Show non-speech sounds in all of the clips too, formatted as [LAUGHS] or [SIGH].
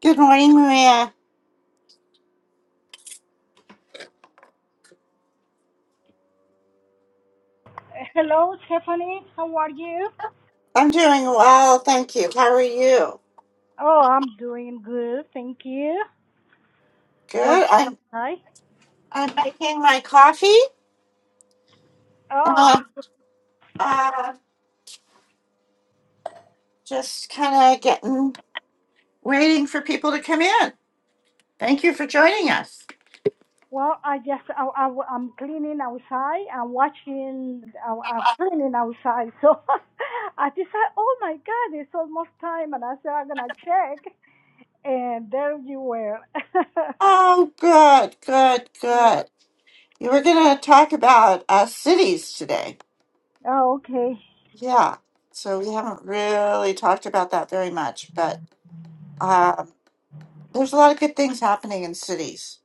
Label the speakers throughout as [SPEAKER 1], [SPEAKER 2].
[SPEAKER 1] Good morning, Maria.
[SPEAKER 2] Hello, Stephanie. How are you?
[SPEAKER 1] I'm doing well, thank you. How are you?
[SPEAKER 2] Oh, I'm doing good. Thank you.
[SPEAKER 1] Good.
[SPEAKER 2] Working
[SPEAKER 1] I'm
[SPEAKER 2] outside.
[SPEAKER 1] I'm making my coffee.
[SPEAKER 2] Oh,
[SPEAKER 1] Um, uh, just kind of getting waiting for people to come in. Thank you for joining us.
[SPEAKER 2] well, I just I, I, I'm cleaning outside. I'm watching. I, I'm cleaning outside. So [LAUGHS] I decide, oh my God, it's almost time, and I said I'm gonna check, and there you were. [LAUGHS]
[SPEAKER 1] Oh, good, good,
[SPEAKER 2] yeah.
[SPEAKER 1] good. You were going to talk about uh, cities today.
[SPEAKER 2] Oh, okay.
[SPEAKER 1] Yeah. So we haven't really talked about that very much, but um, there's a lot of good things happening in cities.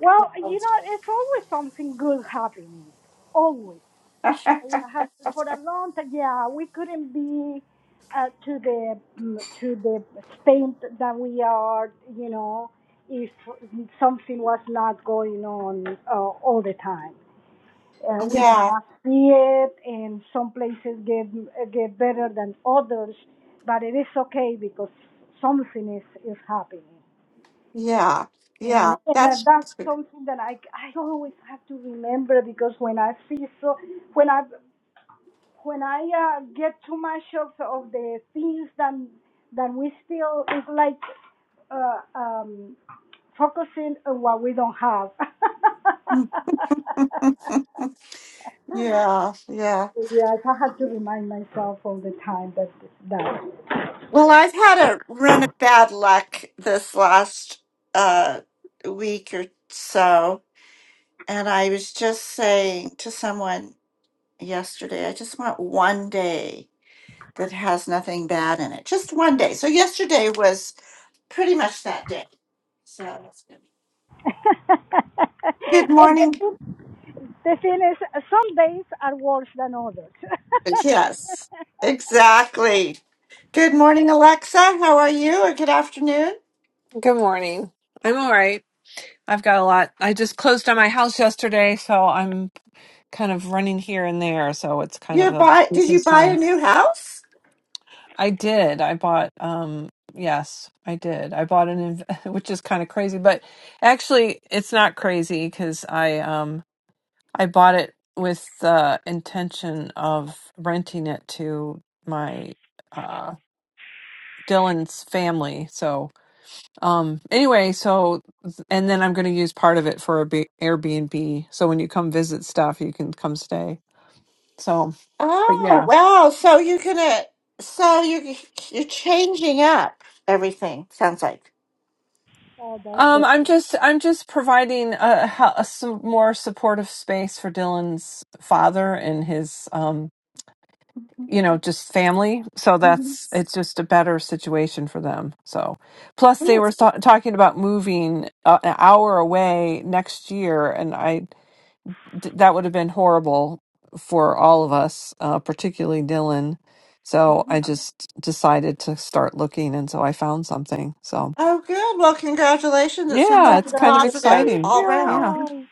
[SPEAKER 2] Well, you know, it's always something good happening. Always.
[SPEAKER 1] [LAUGHS]
[SPEAKER 2] had for a long time. Yeah, we couldn't be uh, to the mm, to the extent that we are. You know, if something was not going on uh, all the time, uh, we
[SPEAKER 1] yeah,
[SPEAKER 2] cannot see it, and some places get get better than others. But it is okay because something is is happening.
[SPEAKER 1] Yeah,
[SPEAKER 2] And
[SPEAKER 1] yeah,
[SPEAKER 2] and uh,
[SPEAKER 1] that's
[SPEAKER 2] that's something that I I always have to remember because when I see so when I when I uh, get too much of of the things that that we still it's like uh, um, focusing on what we don't have. [LAUGHS]
[SPEAKER 1] yeah, yeah.
[SPEAKER 2] yes, I have to remind myself all the time that that
[SPEAKER 1] Well,
[SPEAKER 2] yeah.
[SPEAKER 1] I've had a run of bad luck this last uh week or so, and I was just saying to someone yesterday, I just want one day that has nothing bad in it. Just one day. So yesterday was pretty much that day. So that's good.
[SPEAKER 2] [LAUGHS]
[SPEAKER 1] Good
[SPEAKER 2] and the
[SPEAKER 1] morning.
[SPEAKER 2] thing, the thing is, some days are worse than others.
[SPEAKER 1] Yes, exactly. Good morning, Alexa. How are you? Or good afternoon?
[SPEAKER 3] Good morning. I'm all right. I've got a lot. I just closed on my house yesterday, so I'm kind of running here and there, so it's kind of
[SPEAKER 1] You
[SPEAKER 3] a
[SPEAKER 1] buy? Did
[SPEAKER 3] busy
[SPEAKER 1] you buy a
[SPEAKER 3] time.
[SPEAKER 1] new house?
[SPEAKER 3] I did. I bought um yes, I did. I bought an inv- [LAUGHS] which is kind of crazy, but actually it's not crazy cuz I um I bought it with the intention of renting it to my uh Dylan's family. So Um, anyway, so and then I'm going to use part of it for a B- Airbnb. So when you come visit stuff, you can come stay. So, but
[SPEAKER 1] Oh
[SPEAKER 3] yeah.
[SPEAKER 1] wow! So you're gonna, so you you're changing up everything. Sounds like.
[SPEAKER 2] [LAUGHS] oh, that's
[SPEAKER 3] Um,
[SPEAKER 2] it.
[SPEAKER 3] I'm just I'm just providing a, hel- a some more supportive space for Dylan's father and his um, you know, just family. So
[SPEAKER 1] Mhm.
[SPEAKER 3] that's it's just a better situation for them. So, plus they were
[SPEAKER 1] Yes.
[SPEAKER 3] ta- talking about moving uh, an hour away next year, and I d- that would have been horrible for all of us, uh, particularly Dylan. So I just decided to start looking, and so I found something. So
[SPEAKER 1] Oh, good. Well, congratulations. It sounds
[SPEAKER 3] yeah,
[SPEAKER 1] like
[SPEAKER 3] it's
[SPEAKER 1] you're
[SPEAKER 3] kind of
[SPEAKER 1] positive
[SPEAKER 3] exciting.
[SPEAKER 1] all round.
[SPEAKER 3] Yeah,
[SPEAKER 2] Congratulations!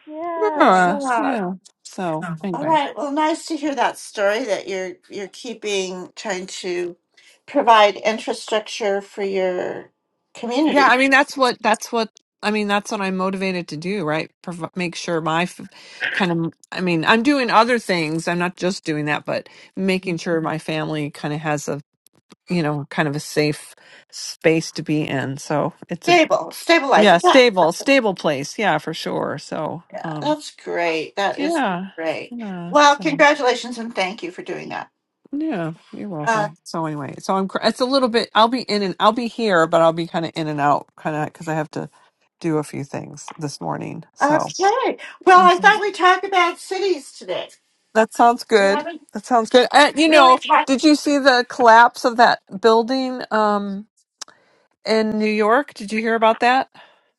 [SPEAKER 1] Good
[SPEAKER 2] Yes.
[SPEAKER 3] yeah,
[SPEAKER 1] job.
[SPEAKER 3] yeah. So
[SPEAKER 1] All
[SPEAKER 3] anyway,
[SPEAKER 1] right. Well, nice to hear that story that you're you're keeping trying to provide infrastructure for your
[SPEAKER 3] yeah.
[SPEAKER 1] community.
[SPEAKER 3] I mean, that's what that's what I mean. That's what I'm motivated to do, right? Prov- make sure my f- kind of. I mean, I'm doing other things. I'm not just doing that, but making sure my family kind of has a you know kind of a safe space to be in. So it's a
[SPEAKER 1] Stable,
[SPEAKER 3] yeah
[SPEAKER 1] stabilizing.
[SPEAKER 3] stable stable place yeah for sure so
[SPEAKER 1] Yeah,
[SPEAKER 3] um
[SPEAKER 1] that's great. That is
[SPEAKER 3] yeah
[SPEAKER 1] great.
[SPEAKER 3] yeah
[SPEAKER 1] Well,
[SPEAKER 3] so
[SPEAKER 1] congratulations and thank you for doing that.
[SPEAKER 3] yeah you're
[SPEAKER 1] Uh,
[SPEAKER 3] welcome so anyway so i'm cr- it's a little bit i'll be in and i'll be here but i'll be kind of in and out kind of because i have to do a few things this morning so
[SPEAKER 1] okay. Well, I
[SPEAKER 3] Mhm.
[SPEAKER 1] thought we talked about cities today.
[SPEAKER 3] that sounds
[SPEAKER 1] We
[SPEAKER 3] good
[SPEAKER 1] haven't
[SPEAKER 3] that sounds good and you
[SPEAKER 1] really
[SPEAKER 3] know
[SPEAKER 1] talked.
[SPEAKER 3] did you see the collapse of that building um in new york did you hear about that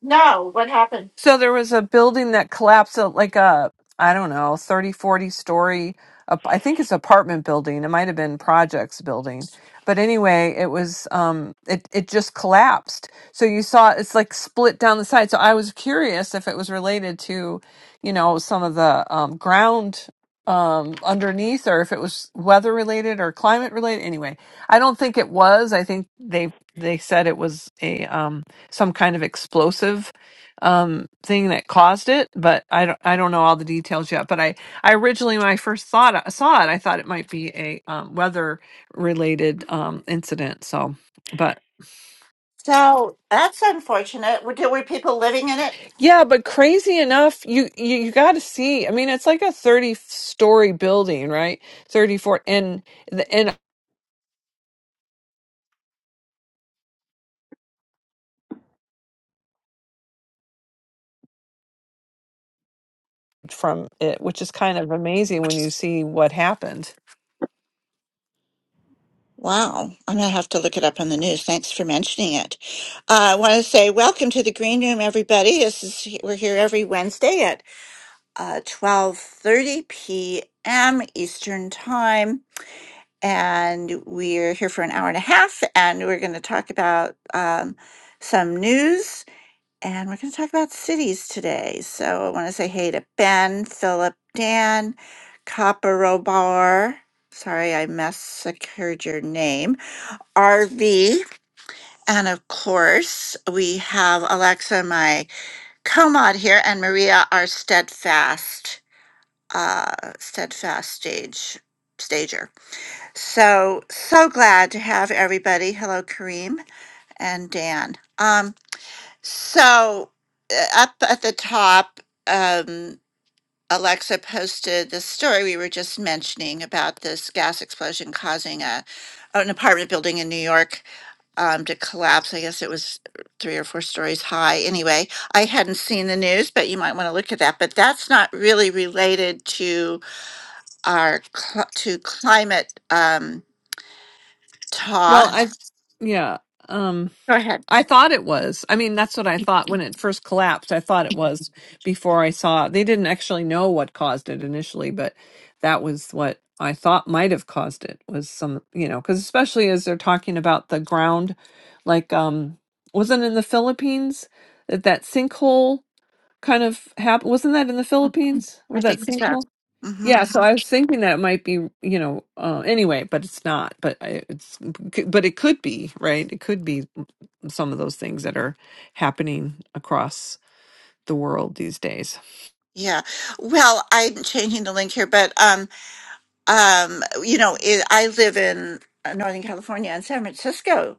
[SPEAKER 1] No, what happened?
[SPEAKER 3] So there was a building that collapsed, uh, like a, I don't know, 30 40 story, ap- I think it's apartment building. It might have been projects building. But anyway, it was, um, it, it just collapsed. So you saw it's like split down the side. So I was curious if it was related to, you know, some of the um, ground um underneath or if it was weather related or climate related anyway i don't think it was i think they they said it was a um some kind of explosive um thing that caused it but i don't i don't know all the details yet but i i originally when i first thought I saw it i thought it might be a um, weather related um incident so but
[SPEAKER 1] So that's unfortunate. Were, there were people living in it?
[SPEAKER 3] yeah but crazy enough you you, you got to see i mean it's like a 30 story building right 34 and the and from it which is kind of amazing when you see what happened
[SPEAKER 1] Wow, I'm gonna have to look it up on the news. Thanks for mentioning it. Uh, I want to say welcome to the green room, everybody. This is we're here every Wednesday at uh, 12:30 p.m. Eastern time and we're here for an hour and a half and we're going to talk about um, some news and we're going to talk about cities today so i want to say hey to ben philip dan copperobar sorry i massacred your name rv and of course we have alexa my co-mod here and maria our steadfast uh steadfast stage stager so, so glad to have everybody. Hello, Kareem and Dan. Um, so, uh, up at the top, um, Alexa posted the story we were just mentioning about this gas explosion causing a an apartment building in New York um, to collapse. I guess it was three or four stories high. Anyway, I hadn't seen the news, but you might want to look at that. But that's not really related to our cl- to climate um,
[SPEAKER 3] well
[SPEAKER 1] talk.
[SPEAKER 3] i yeah um
[SPEAKER 1] Go ahead.
[SPEAKER 3] I thought it was. I mean, that's what I thought when it first collapsed. I thought it was before I saw. They didn't actually know what caused it initially, but that was what I thought might have caused it was some, you know, because especially as they're talking about the ground, like, um, wasn't it in the Philippines that that sinkhole kind of happened? Wasn't that in the Philippines
[SPEAKER 1] I
[SPEAKER 3] where that
[SPEAKER 1] think so.
[SPEAKER 3] sinkhole?
[SPEAKER 1] hmm
[SPEAKER 3] Yeah, so I was thinking that it might be, you know, uh, anyway, but it's not. But I, it's, but it could be, right? It could be some of those things that are happening across the world these days.
[SPEAKER 1] Yeah. Well, I'm changing the link here, but um, um, you know, it, I live in uh, Northern California, and San Francisco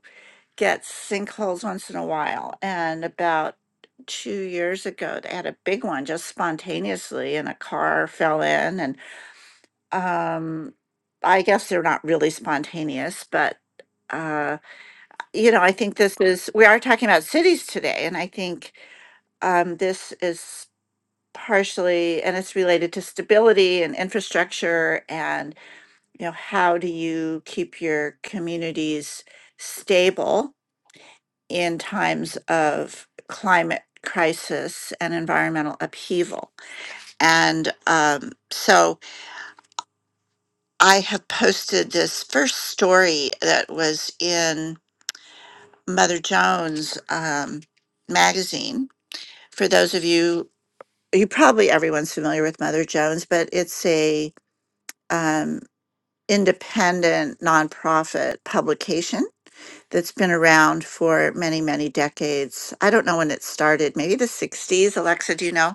[SPEAKER 1] gets sinkholes once in a while. And about two years ago, they had a big one just spontaneously, and a car fell in. And um, I guess they're not really spontaneous, but uh, you know, I think this is we are talking about cities today, and I think um, this is. partially and it's related to stability and infrastructure and you know how do you keep your communities stable in times of climate crisis and environmental upheaval and um, so i have posted this first story that was in mother jones um, magazine for those of you you probably everyone's familiar with mother jones but it's a um, independent nonprofit publication that's been around for many, many decades. I don't know when it started, maybe the 60s. Alexa, do you know?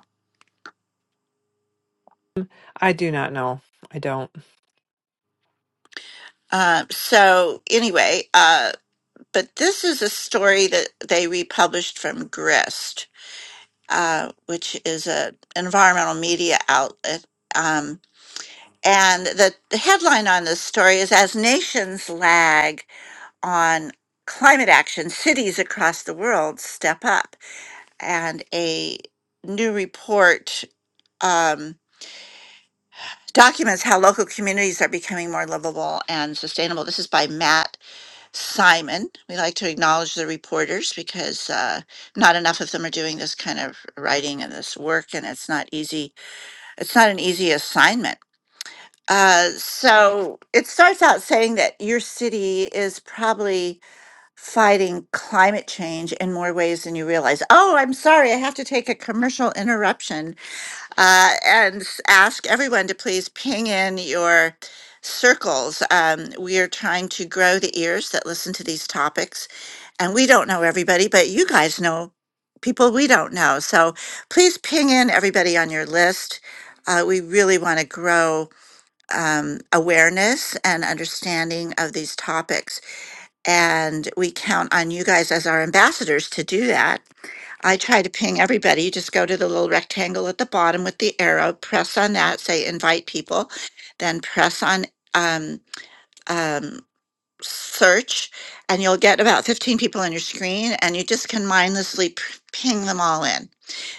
[SPEAKER 3] I do not know. I don't.
[SPEAKER 1] Uh, so, anyway, uh, but this is a story that they republished from Grist, uh, which is an environmental media outlet. Um, and the, the headline on this story is As Nations Lag on Climate Action, Cities Across the World Step Up. and a new report um, documents how local communities are becoming more livable and sustainable. This is by Matt Simon. We like to acknowledge the reporters because uh, not enough of them are doing this kind of writing and this work, and it's not easy. It's not an easy assignment. Uh, so it starts out saying that your city is probably fighting climate change in more ways than you realize. Oh, I'm sorry, I have to take a commercial interruption uh, and ask everyone to please ping in your circles. Um, we are trying to grow the ears that listen to these topics, and we don't know everybody, but you guys know people we don't know. So please ping in everybody on your list. Uh, we really want to grow um, awareness and understanding of these topics, and we count on you guys as our ambassadors to do that. I try to ping everybody. You just go to the little rectangle at the bottom with the arrow, press on that, say invite people, then press on um, um, search, and you'll get about 15 people on your screen, and you just can mindlessly p- ping them all in.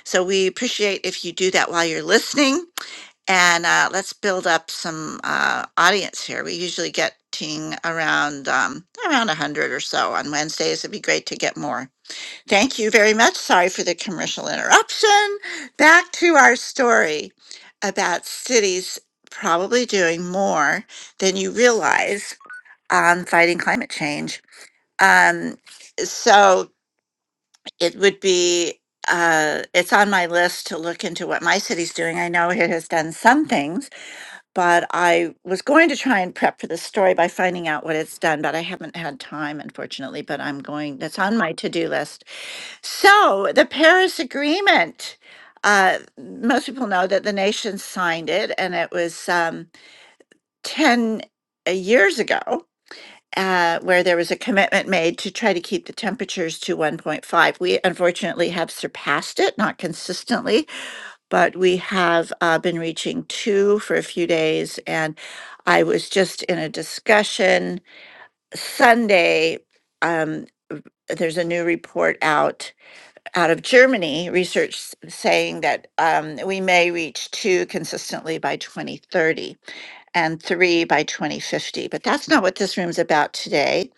[SPEAKER 1] So we appreciate if you do that while you're listening. And uh, let's build up some uh, audience here. We usually get ting around um, around 100 or so on Wednesdays. It'd be great to get more. Thank you very much. Sorry for the commercial interruption. Back to our story about cities probably doing more than you realize on fighting climate change. Um, so it would be, uh, it's on my list to look into what my city's doing. I know it has done some things, but I was going to try and prep for this story by finding out what it's done, but I haven't had time, unfortunately. But I'm going, that's on my to do list so, the Paris Agreement. Uh, most people know that the nation signed it, and it was um, 10 uh, years ago, uh, where there was a commitment made to try to keep the temperatures to 1.5. We unfortunately have surpassed it, not consistently, but we have uh, been reaching two for a few days. And I was just in a discussion Sunday. Um, there's a new report out out of Germany, research s- saying that um, we may reach two consistently by 2030 and three by 2050. But that's not what this room's about today.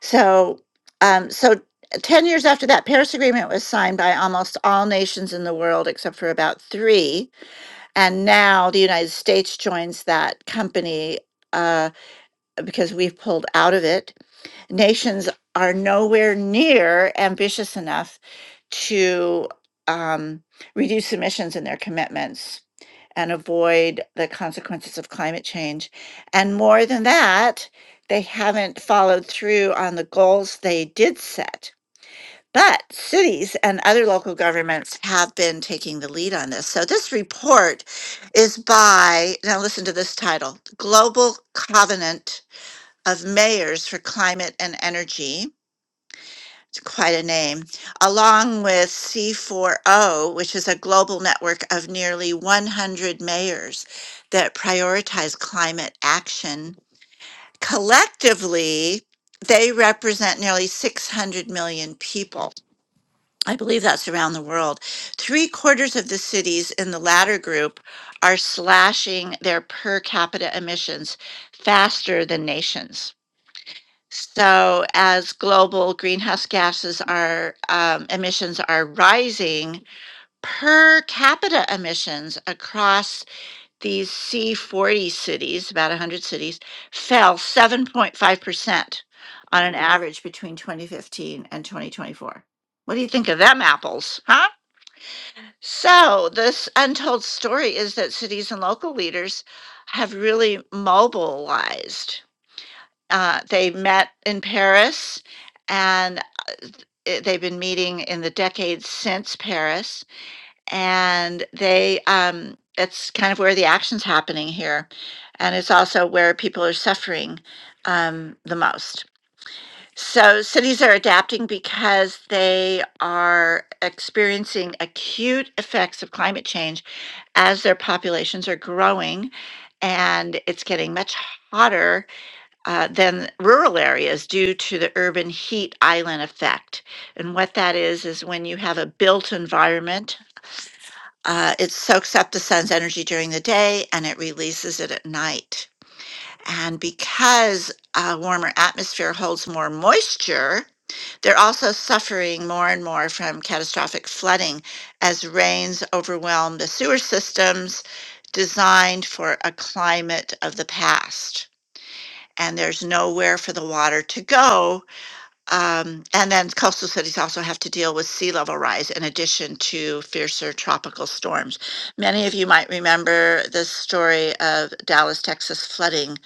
[SPEAKER 1] So, um, so uh, 10 years after that Paris Agreement was signed by almost all nations in the world except for about three. And now the United States joins that company uh, because we've pulled out of it Nations are nowhere near ambitious enough to um, reduce emissions in their commitments and avoid the consequences of climate change. And more than that, they haven't followed through on the goals they did set. But cities and other local governments have been taking the lead on this. So this report is by, now listen to this title Global Covenant of Mayors for Climate and Energy it's quite a name, along with C4O, which is a global network of nearly 100 mayors that prioritize climate action. Collectively, they represent nearly 600 million people. I believe that's around the world. Three quarters of the cities in the latter group are slashing their per capita emissions faster than nations. So as global greenhouse gases are um, emissions are rising, per capita emissions across these C40 cities, about 100 cities, fell 7.5% on an average between 2015 and 2024. What do you think of them apples, huh? So, this untold story is that cities and local leaders have really mobilized uh, they met in Paris and uh, they've been meeting in the decades since Paris. And they, um, it's kind of where the action's happening here. And it's also where people are suffering um, the most. So cities are adapting because they are experiencing acute effects of climate change as their populations are growing and it's getting much hotter uh, than rural areas due to the urban heat island effect. And what that is, is when you have a built environment, uh, it soaks up the sun's energy during the day and it releases it at night. And because a warmer atmosphere holds more moisture, they're also suffering more and more from catastrophic flooding as rains overwhelm the sewer systems designed for a climate of the past and there's nowhere for the water to go. Um, and then coastal cities also have to deal with sea level rise in addition to fiercer tropical storms. Many of you might remember the story of Dallas, Texas flooding.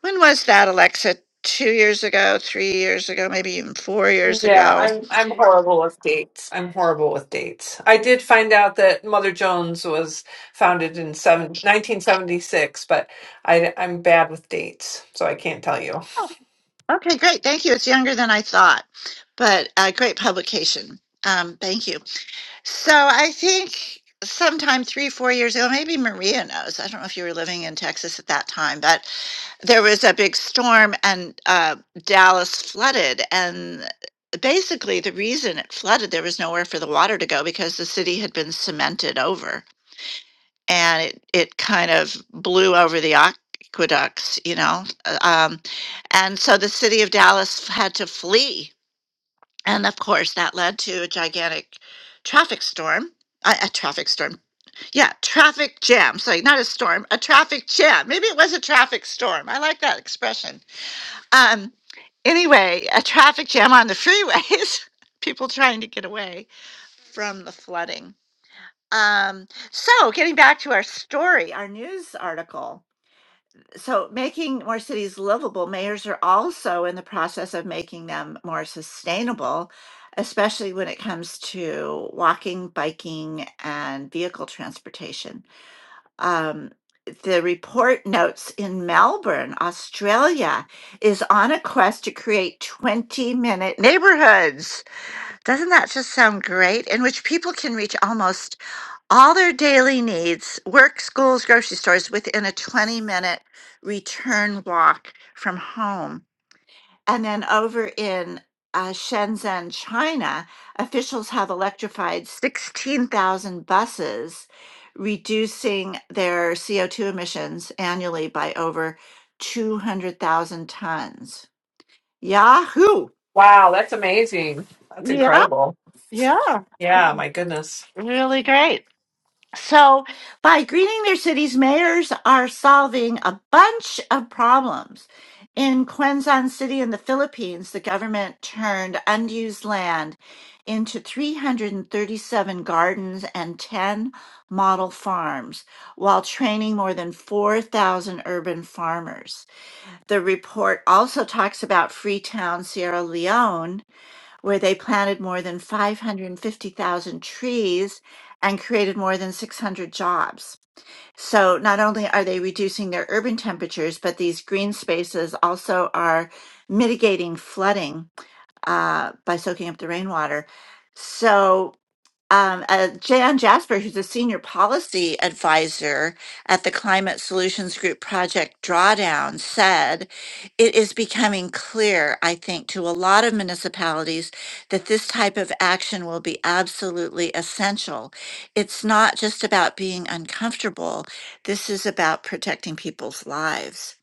[SPEAKER 1] When was that, Alexa? Two years ago, three years ago, maybe even four years
[SPEAKER 3] Yeah,
[SPEAKER 1] ago.
[SPEAKER 3] I'm I'm horrible with dates. I'm horrible with dates. I did find out that Mother Jones was founded in seven, 1976, but I I'm bad with dates, so I can't tell you.
[SPEAKER 1] Oh, okay, great. Thank you. It's younger than I thought, but a great publication. Um, thank you. So I think sometime three, four years ago, maybe Maria knows. I don't know if you were living in Texas at that time, but there was a big storm and uh, Dallas flooded. And basically, the reason it flooded, there was nowhere for the water to go because the city had been cemented over and it, it kind of blew over the aqueducts, you know. uh, Um, and so the city of Dallas had to flee and of course, that led to a gigantic traffic storm. A, a traffic storm. Yeah, traffic jam. Sorry, not a storm, a traffic jam. Maybe it was a traffic storm. I like that expression. Um, anyway, a traffic jam on the freeways, [LAUGHS] people trying to get away from the flooding. Um, so, getting back to our story, our news article so making more cities livable, mayors are also in the process of making them more sustainable, especially when it comes to walking, biking, and vehicle transportation. Um, the report notes in Melbourne, Australia, is on a quest to create 20 minute neighborhoods doesn't that just sound great? In which people can reach almost all their daily needs, work, schools, grocery stores within a 20 minute return walk from home. And then over in uh, Shenzhen, China, officials have electrified 16,000 buses, reducing their CO2 emissions annually by over 200,000 tons. Yahoo!
[SPEAKER 3] Wow, that's amazing. That's
[SPEAKER 1] Yeah,
[SPEAKER 3] incredible.
[SPEAKER 1] yeah,
[SPEAKER 3] Yeah, my goodness.
[SPEAKER 1] really great. So, by greening their cities, mayors are solving a bunch of problems. In Quezon City in the Philippines, the government turned unused land into 337 gardens and 10 model farms while training more than 4,000 urban farmers. The report also talks about Freetown, Sierra Leone, where they planted more than 550,000 trees and created more than 600 jobs. So not only are they reducing their urban temperatures, but these green spaces also are mitigating flooding uh, by soaking up the rainwater. So um, uh, Jan Jasper, who's a senior policy advisor at the Climate Solutions Group Project Drawdown, said it is becoming clear, I think, to a lot of municipalities that this type of action will be absolutely essential. It's not just about being uncomfortable, this is about protecting people's lives.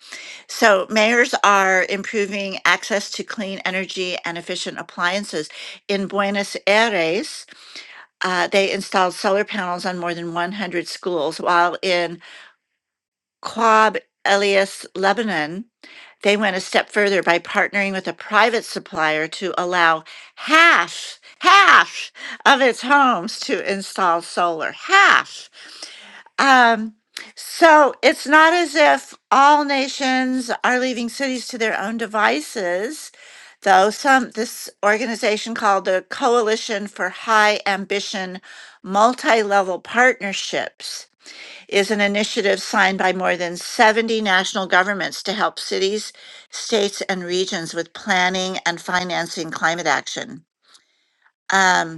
[SPEAKER 1] So, mayors are improving access to clean energy and efficient appliances. In Buenos Aires, uh, they installed solar panels on more than 100 schools, while in Quab Elias, Lebanon, they went a step further by partnering with a private supplier to allow half, half of its homes to install solar. Half. Um, so it's not as if all nations are leaving cities to their own devices, though some this organization called the Coalition for High Ambition Multi-Level Partnerships is an initiative signed by more than 70 national governments to help cities, states, and regions with planning and financing climate action. Um,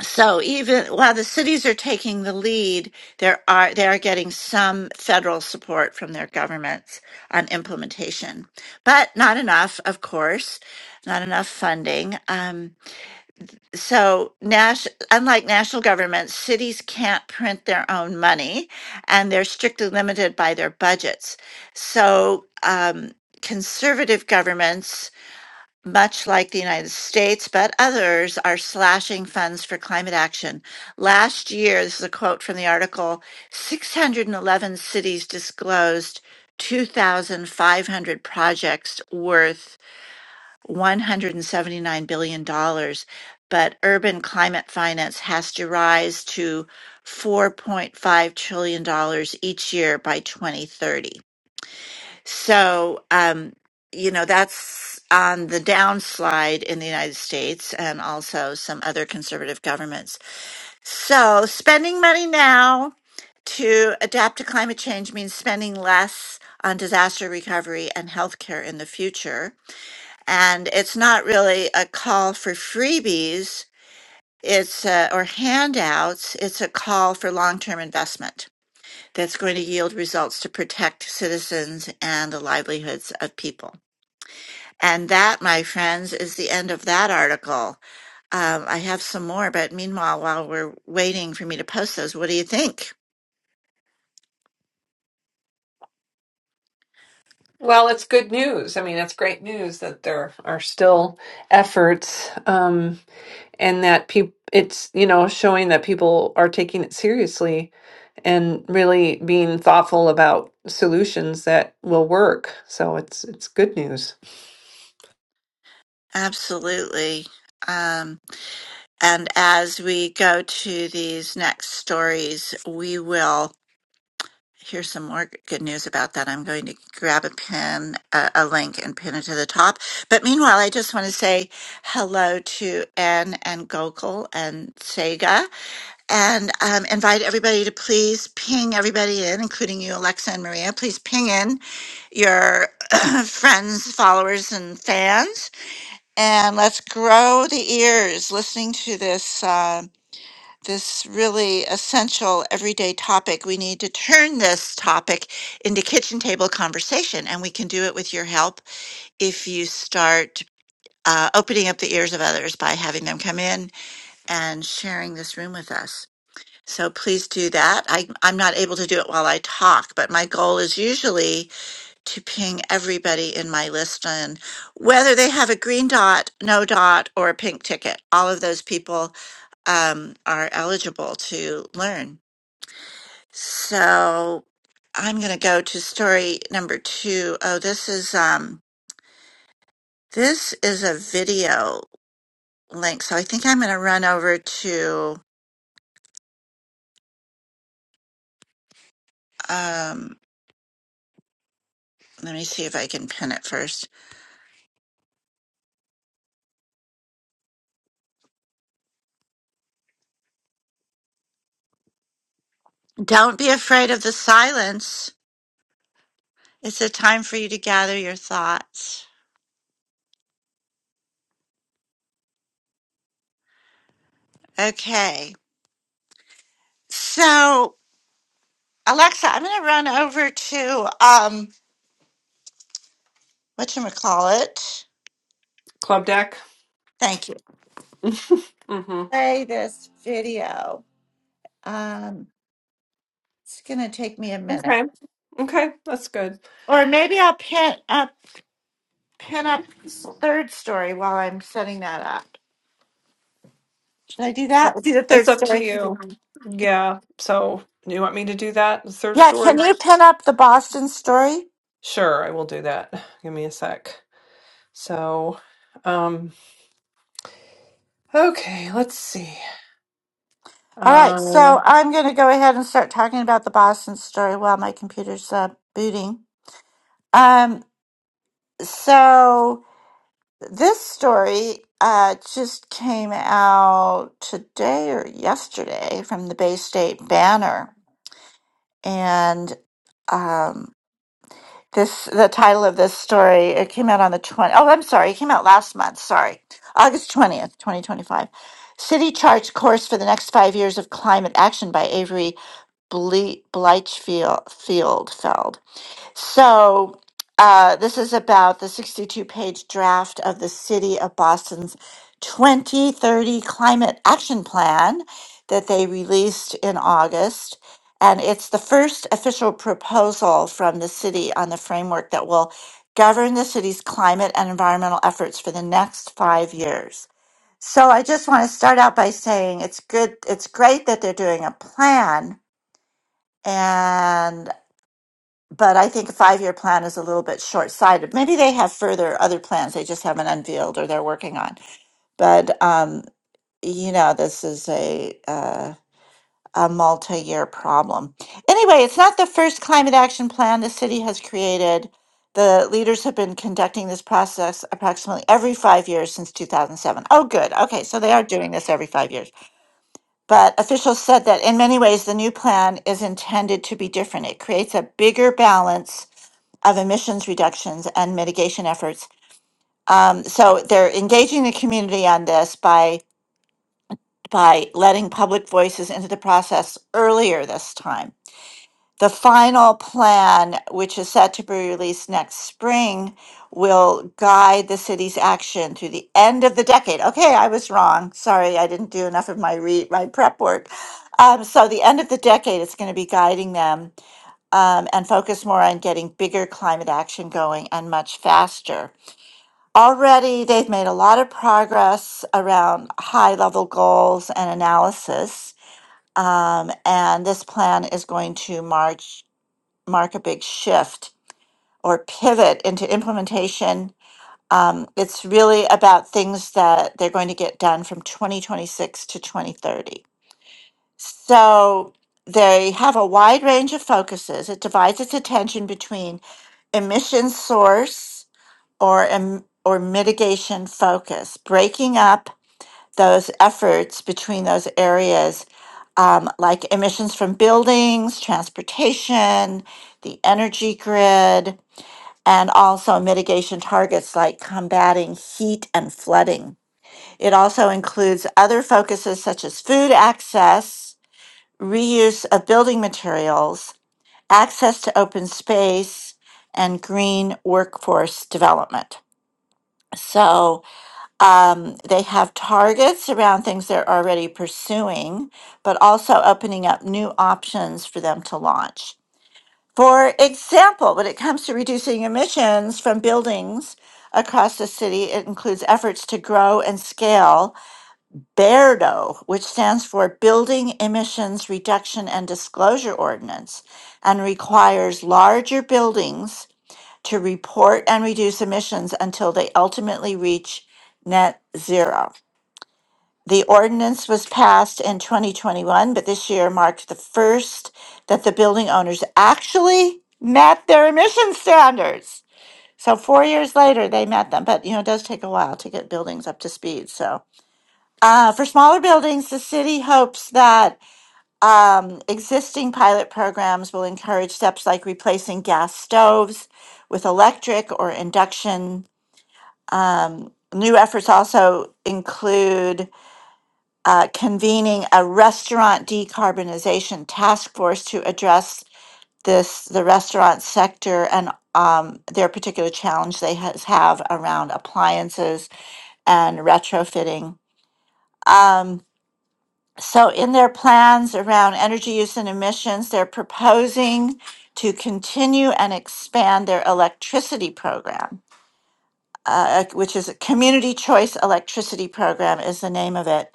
[SPEAKER 1] so even while the cities are taking the lead, there are they are getting some federal support from their governments on implementation, but not enough, of course, not enough funding. Um, so, Nash, unlike national governments, cities can't print their own money, and they're strictly limited by their budgets. So, um, conservative governments much like the United States, but others are slashing funds for climate action. Last year, this is a quote from the article 611 cities disclosed 2,500 projects worth $179 billion, dollars, but urban climate finance has to rise to $4.5 trillion dollars each year by 2030. So, um, you know, that's on the downslide in the United States and also some other conservative governments. So, spending money now to adapt to climate change means spending less on disaster recovery and healthcare in the future. And it's not really a call for freebies. It's uh, or handouts. It's a call for long-term investment that's going to yield results to protect citizens and the livelihoods of people. And that, my friends, is the end of that article. Um, I have some more, but meanwhile, while we're waiting for me to post those, what do you think?
[SPEAKER 3] Well, it's good news. I mean, it's great news that there are still efforts. Um, and that people it's you know showing that people are taking it seriously and really being thoughtful about solutions that will work so it's it's good news
[SPEAKER 1] Absolutely. Um, and as we go to these next stories, we will hear some more good news about that. I'm going to grab a pin, a, a link, and pin it to the top. But meanwhile, I just want to say hello to Anne and Gokul and Sega. and um, invite everybody to please ping everybody in, including you, Alexa and Maria. Please ping in your [CLEARS THROAT] friends, followers, and fans, and let's grow the ears listening to this uh, this really essential everyday topic. We need to turn this topic into kitchen table conversation, and we can do it with your help if you start. Uh, opening up the ears of others by having them come in and sharing this room with us. So please do that. I, I'm not able to do it while I talk, but my goal is usually to ping everybody in my list and whether they have a green dot, no dot, or a pink ticket. All of those people um, are eligible to learn. So I'm going to go to story number two. Oh, this is um, this is a video link. So I think I'm going to run over to. Um, let me see if I can pin it first. Don't be afraid of the silence. It's a time for you to gather your thoughts. Okay. So, Alexa, I'm going to run over to um whatchamacallit.
[SPEAKER 3] Club deck.
[SPEAKER 1] Thank you.
[SPEAKER 3] [LAUGHS] hmm
[SPEAKER 1] Play this video. Um it's going to take me a minute.
[SPEAKER 3] Okay. Okay. That's good.
[SPEAKER 1] Or maybe I'll pin up pin up third story while I'm setting that up. Should I do
[SPEAKER 3] It's up,
[SPEAKER 1] that? Do the third
[SPEAKER 3] it's up to
[SPEAKER 1] story.
[SPEAKER 3] you. Yeah. So you want me to do that? The third
[SPEAKER 1] Yeah, can
[SPEAKER 3] story?
[SPEAKER 1] you pin up the Boston story?
[SPEAKER 3] Sure, I will do that. Give me a sec. So, um, okay, let's see.
[SPEAKER 1] All right,
[SPEAKER 3] Uh,
[SPEAKER 1] so I'm going to go ahead and start talking about the Boston story while my computer's uh, booting. Um, so this story uh, just came out today or yesterday from the Bay State Banner, and um, this the title of this story. It came out on the twenty. Oh, I'm sorry, it came out last month. Sorry, August twentieth, twenty twenty five. City charts course for the next five years of climate action by Avery Ble- Bleichfield Field- Feld. So uh, this is about the 62-page draft of the City of Boston's 2030 Climate Action Plan that they released in August. And it's the first official proposal from the city on the framework that will govern the city's climate and environmental efforts for the next five years. So I just want to start out by saying it's good, it's great that they're doing a plan, and but I think a five-year plan is a little bit short-sighted. Maybe they have further other plans they just haven't unveiled or they're working on. But um, you know, this is a uh, a multi-year problem. Anyway, it's not the first climate action plan the city has created. The leaders have been conducting this process approximately every five years since 2007. Oh, good. Okay, so they are doing this every five years. But officials said that in many ways, the new plan is intended to be different. It creates a bigger balance of emissions reductions and mitigation efforts. Um, so they're engaging the community on this by by letting public voices into the process earlier this time. The final plan, which is set to be released next spring, will guide the city's action through the end of the decade. Okay, I was wrong. Sorry, I didn't do enough of my re- my prep work. Um, so the end of the decade is going to be guiding them um, and focus more on getting bigger climate action going and much faster. Already, they've made a lot of progress around high level goals and analysis. Um, and this plan is going to march mark a big shift or pivot into implementation. Um, it's really about things that they're going to get done from 2026 to 2030. So they have a wide range of focuses. It divides its attention between emission source or em- or mitigation focus, breaking up those efforts between those areas, um, like emissions from buildings, transportation, the energy grid, and also mitigation targets like combating heat and flooding. It also includes other focuses such as food access, reuse of building materials, access to open space, and green workforce development. So um, they have targets around things they're already pursuing, but also opening up new options for them to launch. For example, when it comes to reducing emissions from buildings across the city, it includes efforts to grow and scale BERDO, which stands for Building Emissions Reduction and Disclosure Ordinance, and requires larger buildings to report and reduce emissions until they ultimately reach net zero. The ordinance was passed in 2021, but this year marked the first that the building owners actually met their emission standards. So four years later, they met them, but you know, it does take a while to get buildings up to speed. So uh, for smaller buildings, the city hopes that um, existing pilot programs will encourage steps like replacing gas stoves with electric or induction. Um, new efforts also include uh, convening a restaurant decarbonization task force to address this the restaurant sector and um, their particular challenge they has have around appliances and retrofitting. Um, so in their plans around energy use and emissions, they're proposing to continue and expand their electricity program, uh, which is a community choice electricity program is the name of it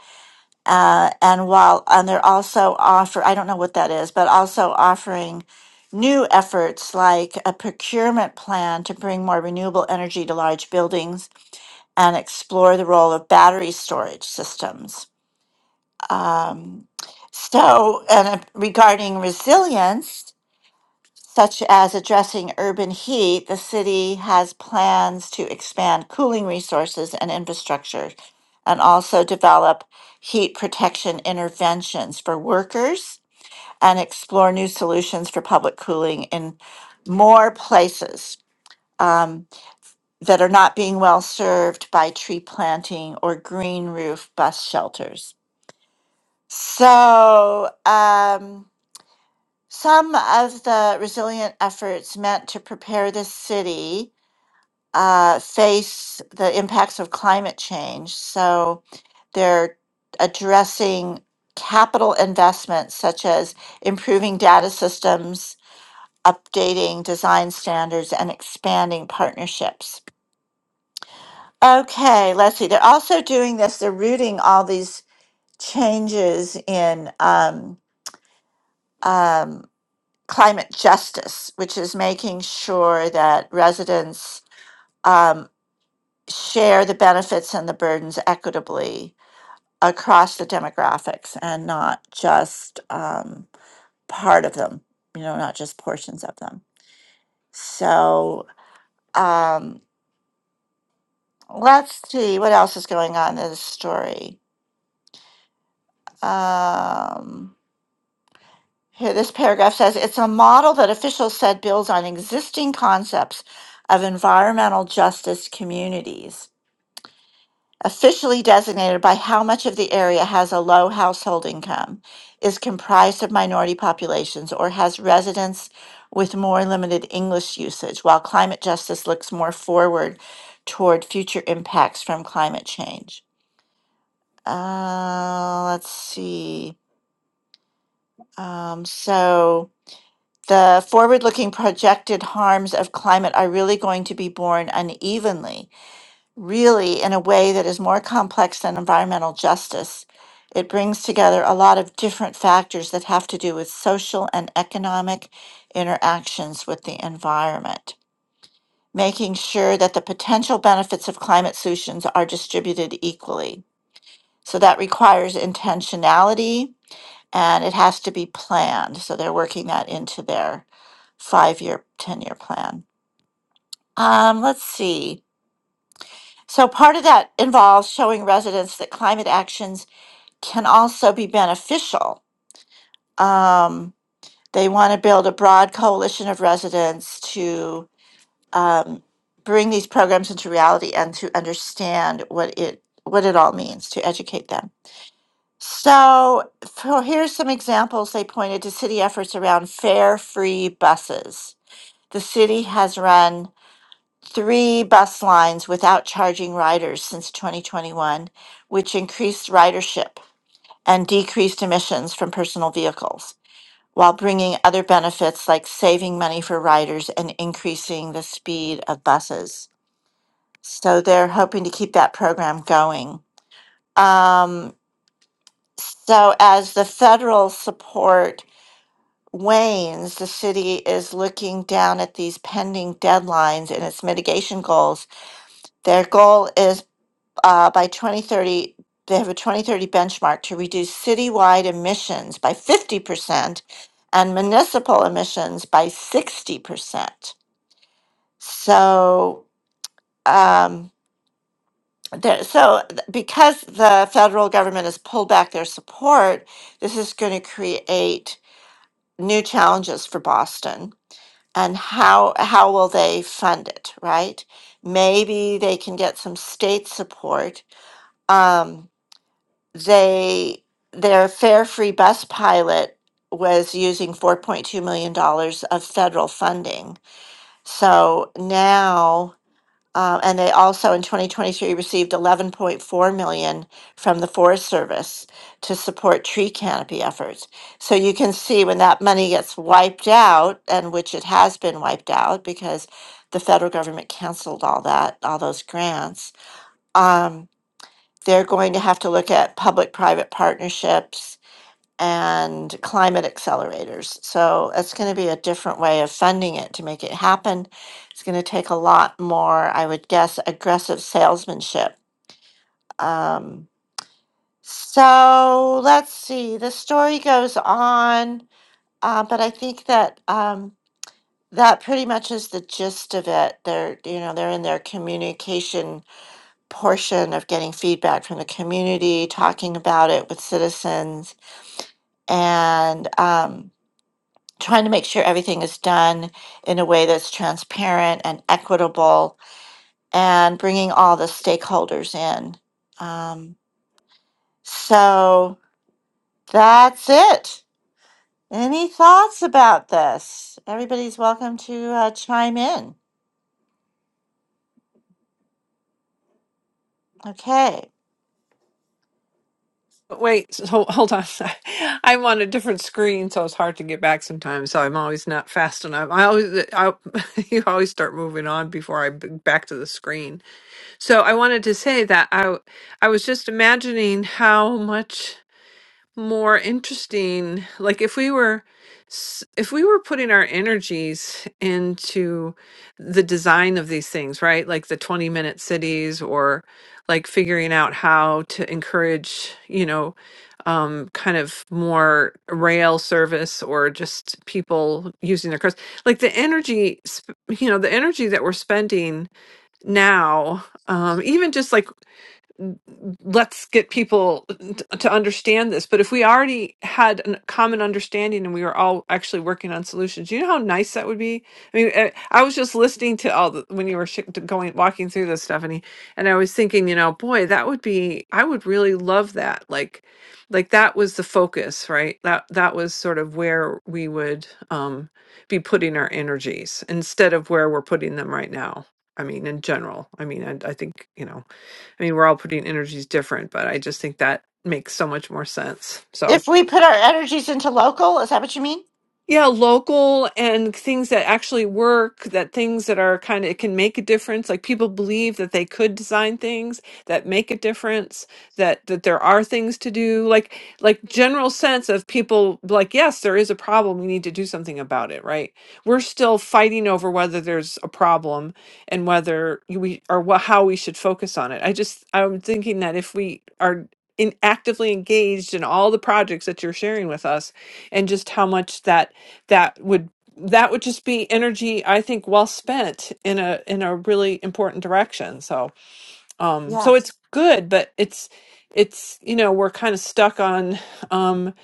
[SPEAKER 1] uh, and while and they're also offer I don't know what that is, but also offering new efforts like a procurement plan to bring more renewable energy to large buildings and explore the role of battery storage systems. Um, so, and uh, regarding resilience such as addressing urban heat, the city has plans to expand cooling resources and infrastructure and also develop heat protection interventions for workers and explore new solutions for public cooling in more places um, that are not being well served by tree planting or green roof bus shelters. So, um, some of the resilient efforts meant to prepare the city uh, face the impacts of climate change. So they're addressing capital investments such as improving data systems, updating design standards, and expanding partnerships. Okay, let's see. They're also doing this, they're rooting all these changes in um, um, climate justice, which is making sure that residents um, share the benefits and the burdens equitably across the demographics and not just um, part of them, you know, not just portions of them. So um, let's see what else is going on in this story. Um, here, this paragraph says it's a model that officials said builds on existing concepts of environmental justice communities officially designated by how much of the area has a low household income, is comprised of minority populations, or has residents with more limited English usage, while climate justice looks more forward toward future impacts from climate change. Uh, let's see. Um, so the forward looking projected harms of climate are really going to be borne unevenly really in a way that is more complex than environmental justice. It brings together a lot of different factors that have to do with social and economic interactions with the environment, making sure that the potential benefits of climate solutions are distributed equally. So that requires intentionality and it has to be planned. So they're working that into their five year, 10 year plan. Um, let's see. So part of that involves showing residents that climate actions can also be beneficial. Um, they want to build a broad coalition of residents to um, bring these programs into reality and to understand what it what it all means to educate them. So for, here's some examples they pointed to city efforts around fare free buses. The city has run three bus lines without charging riders since 2021, which increased ridership and decreased emissions from personal vehicles while bringing other benefits like saving money for riders and increasing the speed of buses. So they're hoping to keep that program going. Um, so as the federal support wanes, the city is looking down at these pending deadlines and its mitigation goals their goal is uh, by 2030, they have a 2030 benchmark to reduce citywide emissions by 50% and municipal emissions by 60%. So, um, there, so th- because the federal government has pulled back their support, this is going to create new challenges for Boston. And how how will they fund it? Right? Maybe they can get some state support. Um, they their fare free bus pilot was using 4.2 million dollars of federal funding so now uh, and they also in 2023 received 11.4 million from the forest service to support tree canopy efforts so you can see when that money gets wiped out and which it has been wiped out because the federal government canceled all that all those grants Um, they're going to have to look at public private partnerships and climate accelerators. So it's going to be a different way of funding it to make it happen. It's going to take a lot more, I would guess, aggressive salesmanship. Um, so let's see. The story goes on, uh, but I think that um, that pretty much is the gist of it. They're, you know, they're in their communication portion of getting feedback from the community, talking about it with citizens, and um, trying to make sure everything is done in a way that's transparent and equitable, and bringing all the stakeholders in. Um, so that's it. Any thoughts about this? Everybody's welcome to uh, chime in. Okay.
[SPEAKER 3] Wait, s- hold, hold on. [LAUGHS] I'm on a different screen, so it's hard to get back sometimes. So I'm always not fast enough. I always, uh, I, [LAUGHS] you always start moving on before I b- back to the screen. So I wanted to say that I, I was just imagining how much more interesting like if we were s- if we were putting our energies into the design of these things right like the 20 minute cities or like figuring out how to encourage you know um kind of more rail service or just people using their cars like the energy sp- you know the energy that we're spending now um even just like let's get people t- to understand this. But if we already had a common understanding and we were all actually working on solutions, you know how nice that would be. I mean, I, I was just listening to all the when you were sh- going walking through this, Stephanie, and I was thinking, you know, boy, that would be. I would really love that. Like, like that was the focus, right? That that was sort of where we would um, be putting our energies instead of where we're putting them right now. I mean, in general. I mean, I, I think you know. I mean, we're all putting energies different, but I just think that makes so much more sense. So,
[SPEAKER 1] If we put our energies into local, is that what you mean?
[SPEAKER 3] yeah, local and things that actually work, that things that are kind of can make a difference. Like people believe that they could design things that make a difference, that that there are things to do. Like like general sense of people like, yes, there is a problem, we need to do something about it, right? We're still fighting over whether there's a problem and whether you- we or what how we should focus on it. I just I'm thinking that if we are in actively engaged in all the projects that you're sharing with us and just how much that that would that would just be energy i think well spent in a in a really important direction so um
[SPEAKER 1] Yeah.
[SPEAKER 3] so it's good but it's it's you know we're kind of stuck on um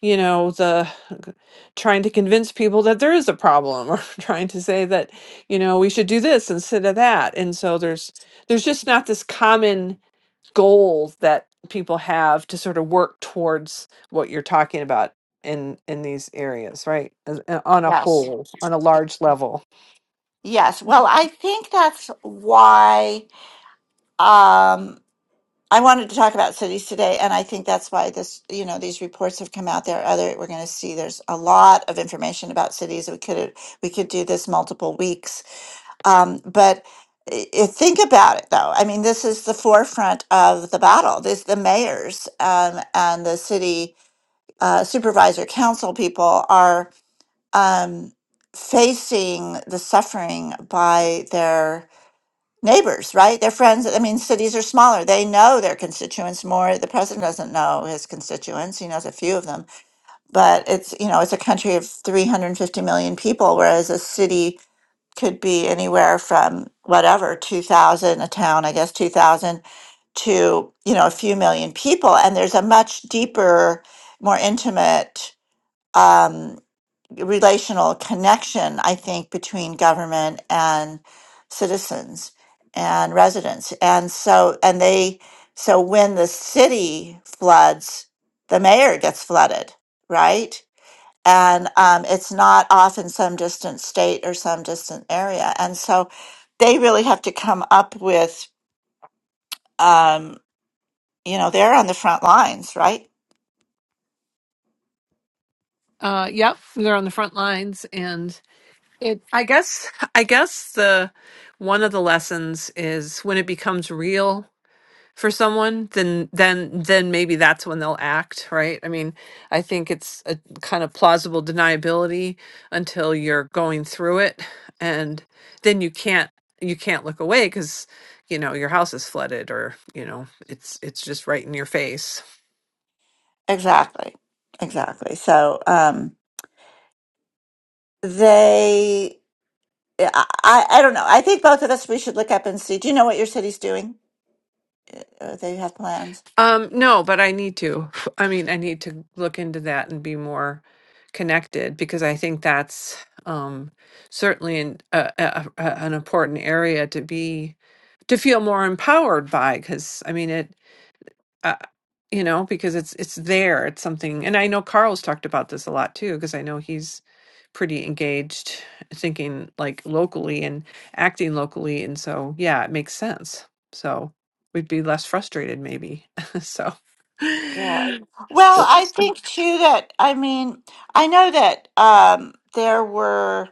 [SPEAKER 3] you know the trying to convince people that there is a problem or [LAUGHS] trying to say that you know we should do this instead of that and so there's there's just not this common goal that people have to sort of work towards what you're talking about in in these areas right As- uh, on a
[SPEAKER 1] Yes.
[SPEAKER 3] whole on a large level
[SPEAKER 1] Yes. Well, I
[SPEAKER 3] Mm-hmm.
[SPEAKER 1] think that's why um, I wanted to talk about cities today, and I think that's why this, you know, these reports have come out. There, are other we're going to see. There's a lot of information about cities. We could we could do this multiple weeks, um, but i i- think about it though. I mean, this is the forefront of the battle. This the mayors um, and the city uh, supervisor council people are um, facing the suffering by their neighbors, right? They're friends. I mean, cities are smaller. They know their constituents more. The president doesn't know his constituents. He knows a few of them, but it's, you know, it's a country of 350 million people, whereas a city could be anywhere from whatever, 2,000, a town, I guess, 2,000 to, you know, a few million people. And there's a much deeper, more intimate, um, relational connection, I think, between government and citizens and residents. And so, and they, so when the city floods, the mayor gets flooded, right? And um, it's not often some distant state or some distant area. And so they really have to come up with, um, you know, they're on the front lines, right?
[SPEAKER 3] Uh, yep, we were on the front lines, and it. I guess. I guess the one of the lessons is when it becomes real. for someone then then then maybe that's when they'll act right i mean i think it's a kind of plausible deniability until you're going through it and then you can't you can't look away cuz you know your house is flooded or you know it's it's just right in your face
[SPEAKER 1] Exactly. Exactly. So um, they, yeah, I, I I don't know. I think both of us, we should look up and see. Do you know what your city's doing? Uh, they have plans.
[SPEAKER 3] Um, no, but I need to. [LAUGHS] I mean, I need to look into that and be more connected because I think that's um, certainly an, a, a, a- an important area to be to feel more empowered by. Because I mean, it uh, you know, because it's it's there. It's something, and I know Carl's talked about this a lot too, because I know he's pretty engaged, thinking like locally and acting locally, and so yeah, it makes sense. So we'd be less frustrated, maybe. [LAUGHS] so
[SPEAKER 1] Yeah. Well,
[SPEAKER 3] still
[SPEAKER 1] I think too that I mean, I know that um there were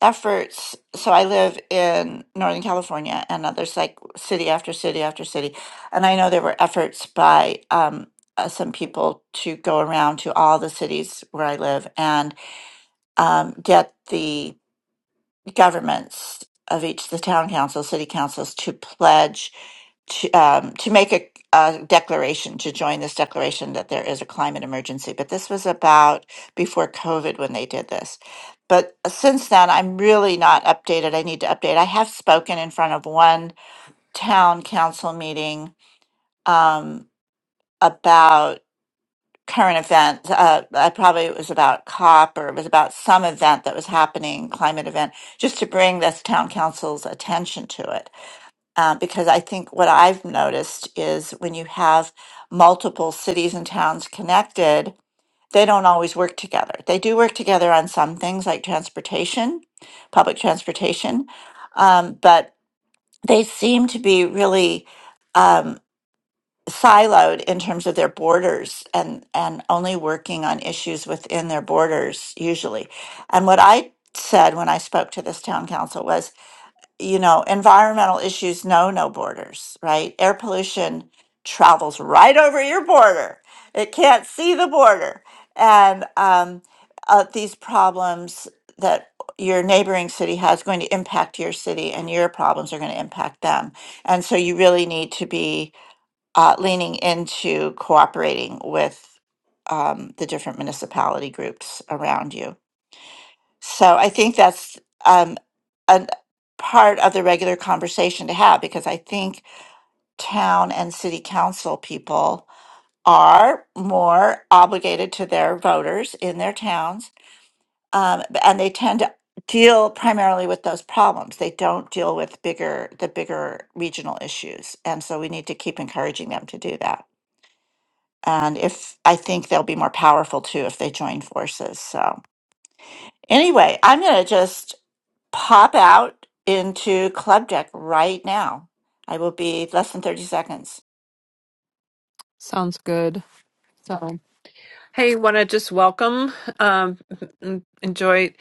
[SPEAKER 1] efforts. So I live in Northern California and others like city after city after city. And I know there were efforts by um uh, some people to go around to all the cities where I live and um get the governments of each the town council, city councils to pledge to, um, to make a, a declaration to join this declaration that there is a climate emergency. But this was about before COVID when they did this. But uh, since then, I'm really not updated. I need to update. I have spoken in front of one town council meeting um, about current events. Uh, I probably it was about COP or it was about some event that was happening, climate event, just to bring this town council's attention to it uh, because I think what I've noticed is when you have multiple cities and towns connected, they don't always work together. They do work together on some things like transportation, public transportation, um, but they seem to be really um, siloed in terms of their borders and, and only working on issues within their borders usually. And what I said when I spoke to this town council was you know, environmental issues know no borders, right? Air pollution travels right over your border. It can't see the border. And um, uh, these problems that your neighboring city has going to impact your city, and your problems are going to impact them. And so you really need to be uh, leaning into cooperating with um, the different municipality groups around you. So I think that's. Um, a part of the regular conversation to have because I think town and city council people are more obligated to their voters in their towns, um, and they tend to deal primarily with those problems. They don't deal with bigger the bigger regional issues, and so we need to keep encouraging them to do that. And if I think they'll be more powerful too if they join forces. So. Anyway, I'm going to just pop out into Club Deck right now. I will be less than 30 seconds.
[SPEAKER 3] sounds good. So hey, want to just welcome, um, enjoy.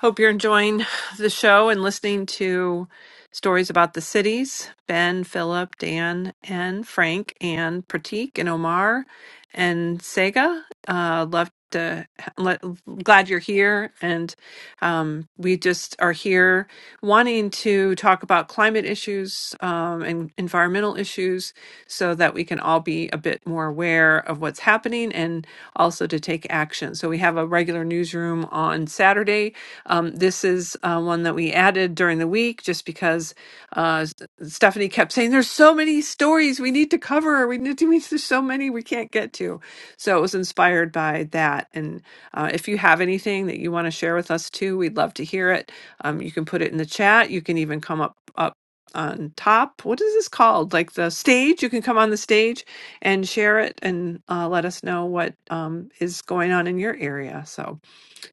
[SPEAKER 3] Hope you're enjoying the show and listening to stories about the cities. Ben, Philip, Dan, and Frank, and Pratik, and Omar, and Sega. Uh, love to le- glad you're here, and um, we just are here wanting to talk about climate issues um, and environmental issues, so that we can all be a bit more aware of what's happening and also to take action. So we have a regular newsroom on Saturday um, this is uh, one that we added during the week just because uh, S- Stephanie kept saying, There's so many stories we need to cover. We need to, meet. there's so many we can't get to. So it was inspired by that. And uh, if you have anything that you want to share with us too, we'd love to hear it. Um, you can put it in the chat. You can even come up, up on top. What is this called? Like the stage? You can come on the stage and share it and uh, let us know what um, is going on in your area. So,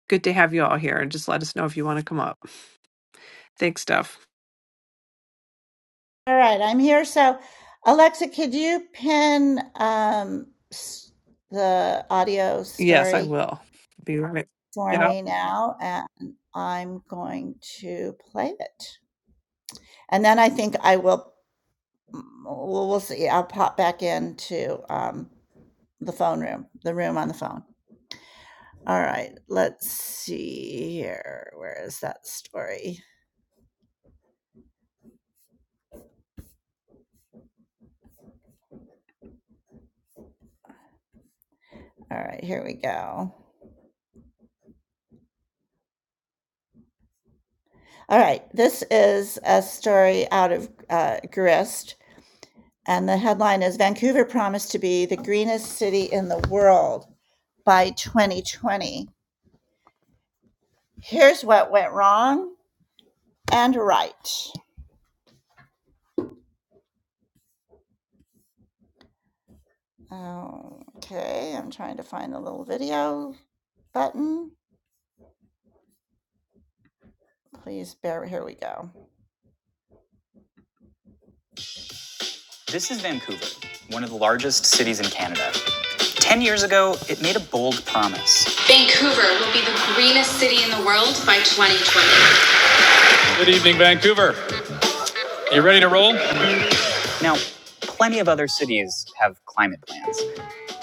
[SPEAKER 3] Good to have you all here and just let us know if you want to come up. Thanks, Steph.
[SPEAKER 1] All right, I'm here. So, Alexa, could you pin um, s- the audio
[SPEAKER 3] Yes, I
[SPEAKER 1] story
[SPEAKER 3] will. Be right.
[SPEAKER 1] for
[SPEAKER 3] Yeah.
[SPEAKER 1] me now? And I'm going to play it. And then I think I will, we'll, we'll see. I'll pop back into um, the phone room, the room on the phone. All right, let's see here. Where is that story? All right, here we go. All right, this is a story out of uh, Grist, and the headline is Vancouver promised to be the greenest city in the world by 2020. Here's what went wrong and right. Okay, I'm trying to find the little video button. Please bear, here we go. This is Vancouver, one of the largest cities in Canada. Ten years ago, it made a bold promise. Vancouver will be the greenest city in the world by 2020. Good evening, Vancouver. You ready to roll? Now, plenty of other cities have climate plans.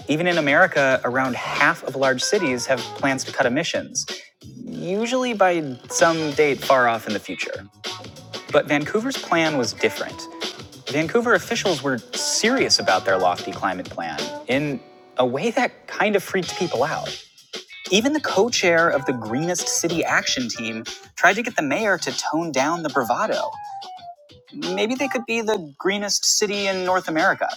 [SPEAKER 1] Even in America, around half of large cities have plans to cut emissions, usually by some date far off in the future. But Vancouver's plan was different. Vancouver officials were serious about their lofty climate plan in a way that kind of freaked people out. Even the co chair of the Greenest City Action Team tried to get the mayor to tone down the bravado. Maybe they could be the greenest city in North America.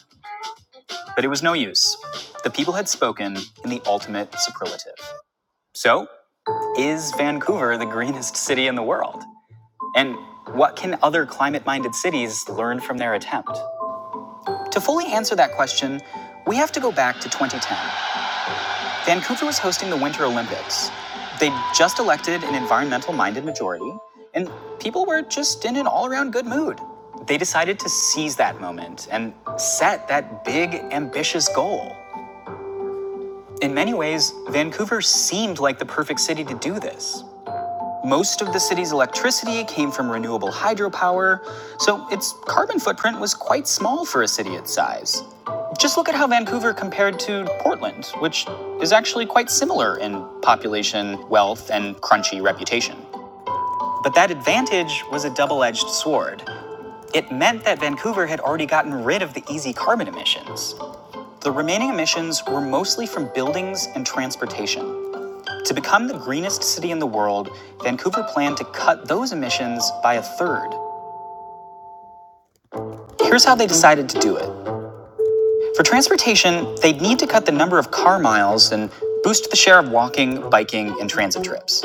[SPEAKER 1] But it was no use. The people had spoken in the ultimate superlative. So, is Vancouver the greenest city in the world? And what can other climate minded cities learn from their attempt? To fully answer that question, we have to go back to 2010 Vancouver was hosting the Winter Olympics. They'd just elected an environmental minded majority, and people were just in an all around good mood. They decided to seize that moment and set that big, ambitious goal. In many ways, Vancouver seemed like the perfect city to do this. Most of the city's electricity came from renewable hydropower, so its carbon footprint was quite small for a city its size. Just look at how Vancouver compared to Portland, which is actually quite similar in population, wealth, and crunchy reputation. But that advantage was a double edged sword. It meant that Vancouver had already gotten rid of the easy carbon emissions. The remaining emissions were mostly from buildings and transportation. To become the greenest city in the world, Vancouver planned to cut those emissions by a third. Here's how they decided to do it. For transportation, they'd need to cut the number of car miles and boost the share of walking, biking, and transit trips.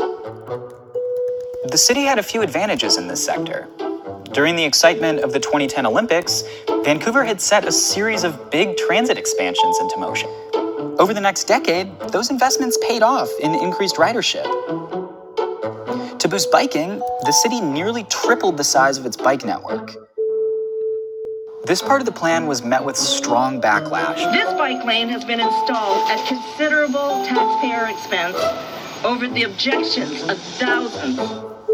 [SPEAKER 1] The city had a few advantages in this sector. During the excitement of the 2010 Olympics, Vancouver had set a series of big transit expansions into motion. Over the next decade, those investments paid off in increased ridership. To boost biking, the city nearly tripled the size of its bike network. This part of the plan was met with strong backlash. This bike lane has been installed at considerable taxpayer expense over the objections of thousands.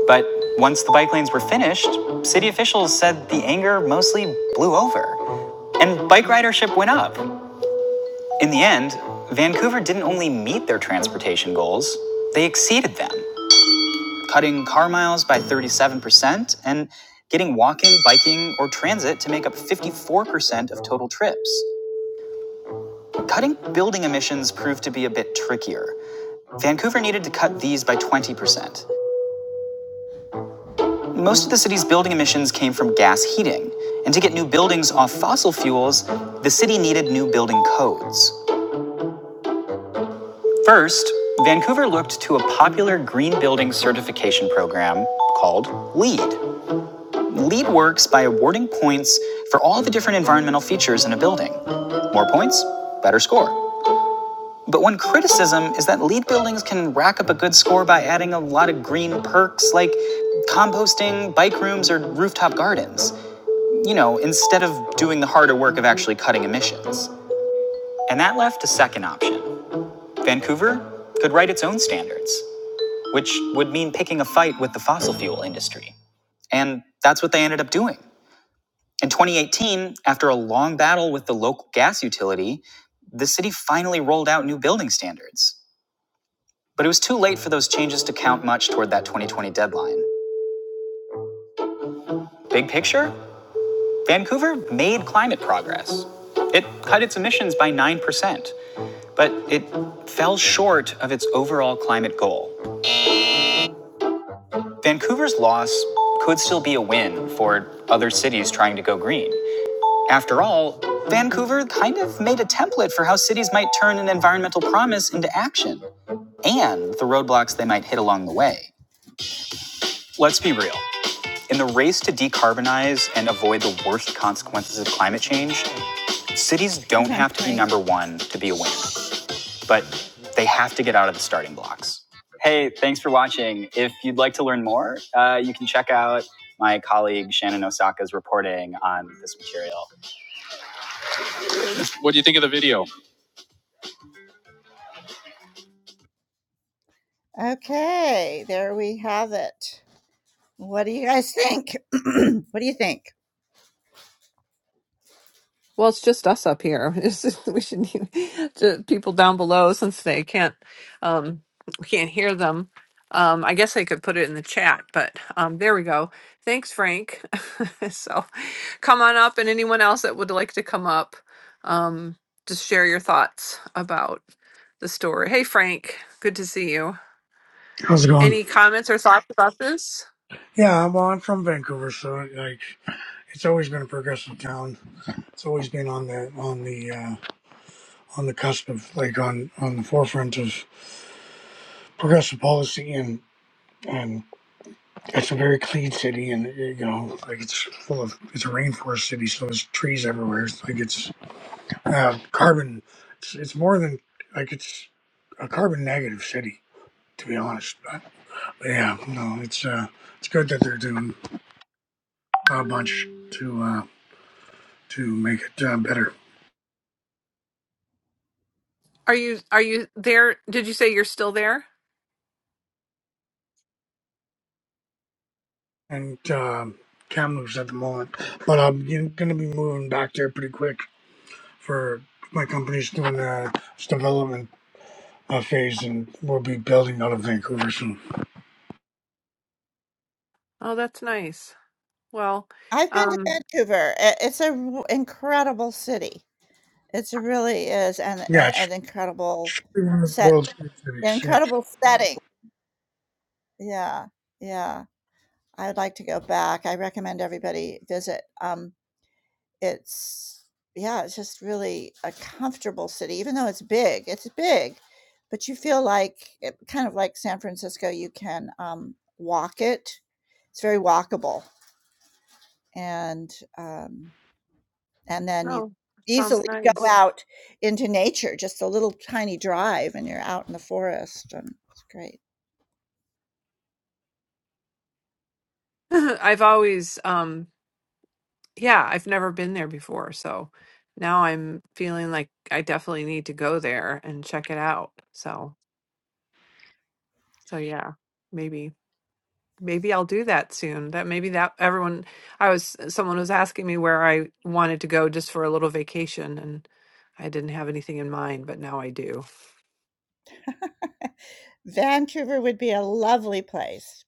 [SPEAKER 1] But once the bike lanes were finished, city officials said the anger mostly blew over. And bike ridership went up. In the end, Vancouver didn't only meet their transportation goals, they exceeded them cutting car miles by 37%, and getting walking, biking, or transit to make up 54% of total trips. Cutting building emissions proved to be a bit trickier. Vancouver needed to cut these by 20%. Most of the city's building emissions came from gas heating, and to get new buildings off fossil fuels, the city needed new building codes. First, Vancouver looked to a popular green building certification program called LEED. LEED works by awarding points for all the different environmental features in a building. More points, better score. But one criticism is that LEED buildings can rack up a good score by adding a lot of green perks like composting, bike rooms, or rooftop gardens. You know, instead of doing the harder work of actually cutting emissions. And that left a second option. Vancouver could write its own standards, which would mean picking a fight with the fossil fuel industry. And that's what they ended up doing. In 2018, after a long battle with the local gas utility, the city finally rolled out new building standards. But it was too late for those changes to count much toward that 2020 deadline. Big picture, Vancouver made climate progress. It cut its emissions by 9%, but it fell short of its overall climate goal. Vancouver's loss could still be a win for other cities trying to go green. After all, Vancouver kind of made a template for how cities might turn an environmental promise into action and the roadblocks they might hit along the way. Let's be real. In the race to decarbonize and avoid the worst consequences of climate change, cities don't have to be number one to be a winner, but they have to get out of the starting blocks. Hey, thanks for watching. If you'd like to learn more, uh, you can check out my colleague Shannon Osaka's reporting on this material. What do you think of the video? Okay, there we have it. What do you guys [LAUGHS] think? [CLEARS THROAT] what do you think?
[SPEAKER 3] Well, it's just us up here. [LAUGHS] It's just- we should need to, people down below since they can't um we can't hear them. Um, I guess they could put it in the chat, but um, there we go. Thanks, Frank. [LAUGHS] so come on up and anyone else that would like to come up, um, just share your thoughts about the story. Hey, Frank, good to see you.
[SPEAKER 4] How's it going?
[SPEAKER 3] Any comments or thoughts about this?
[SPEAKER 4] Yeah, well, I'm from Vancouver, so like it's always been a progressive town. It's always been on the on the uh, on the cusp of like on on the forefront of progressive policy, and and it's a very clean city, and uh, you know like it's full of it's a rainforest city, so there's trees everywhere. It's like it's uh, carbon. It's, it's more than like it's a carbon negative city, to be honest. But, but yeah, no, it's uh, it's good that they're doing a bunch to. uh, to make it uh, better.
[SPEAKER 3] Are you are you there? Did you say you're still there?
[SPEAKER 4] And um, Kamloops at the moment, but I'm going to be moving back there pretty quick for my company's doing uh, its development uh, phase, and we'll be building out of Vancouver soon.
[SPEAKER 3] Oh, that's nice. Well,
[SPEAKER 1] I've been to
[SPEAKER 3] um,
[SPEAKER 1] Vancouver. I- It's a w- incredible city. It really is an,
[SPEAKER 4] Yeah,
[SPEAKER 1] an,
[SPEAKER 4] it's
[SPEAKER 1] an incredible
[SPEAKER 4] should be one of the
[SPEAKER 1] set,
[SPEAKER 4] world's great cities. Yeah.
[SPEAKER 1] incredible setting. Yeah, yeah. I'd like to go back. I recommend everybody visit. Um, It's yeah, it's just really a comfortable city, even though it's big. It's big, but you feel like it kind of like San Francisco, you can, um, walk it. It's very walkable, and, um, and then you
[SPEAKER 3] oh, that sounds
[SPEAKER 1] easily go
[SPEAKER 3] nice.
[SPEAKER 1] out into nature, just a little tiny drive, and you're out in the forest, and it's great.
[SPEAKER 3] [LAUGHS] I've always um yeah, I've never been there before, so now I'm feeling like I definitely need to go there and check it out. So, so yeah, maybe maybe I'll do that soon. That maybe that everyone I was someone was asking me where I wanted to go just for a little vacation and I didn't have anything in mind, but now I do.
[SPEAKER 1] [LAUGHS] Vancouver would be a lovely place.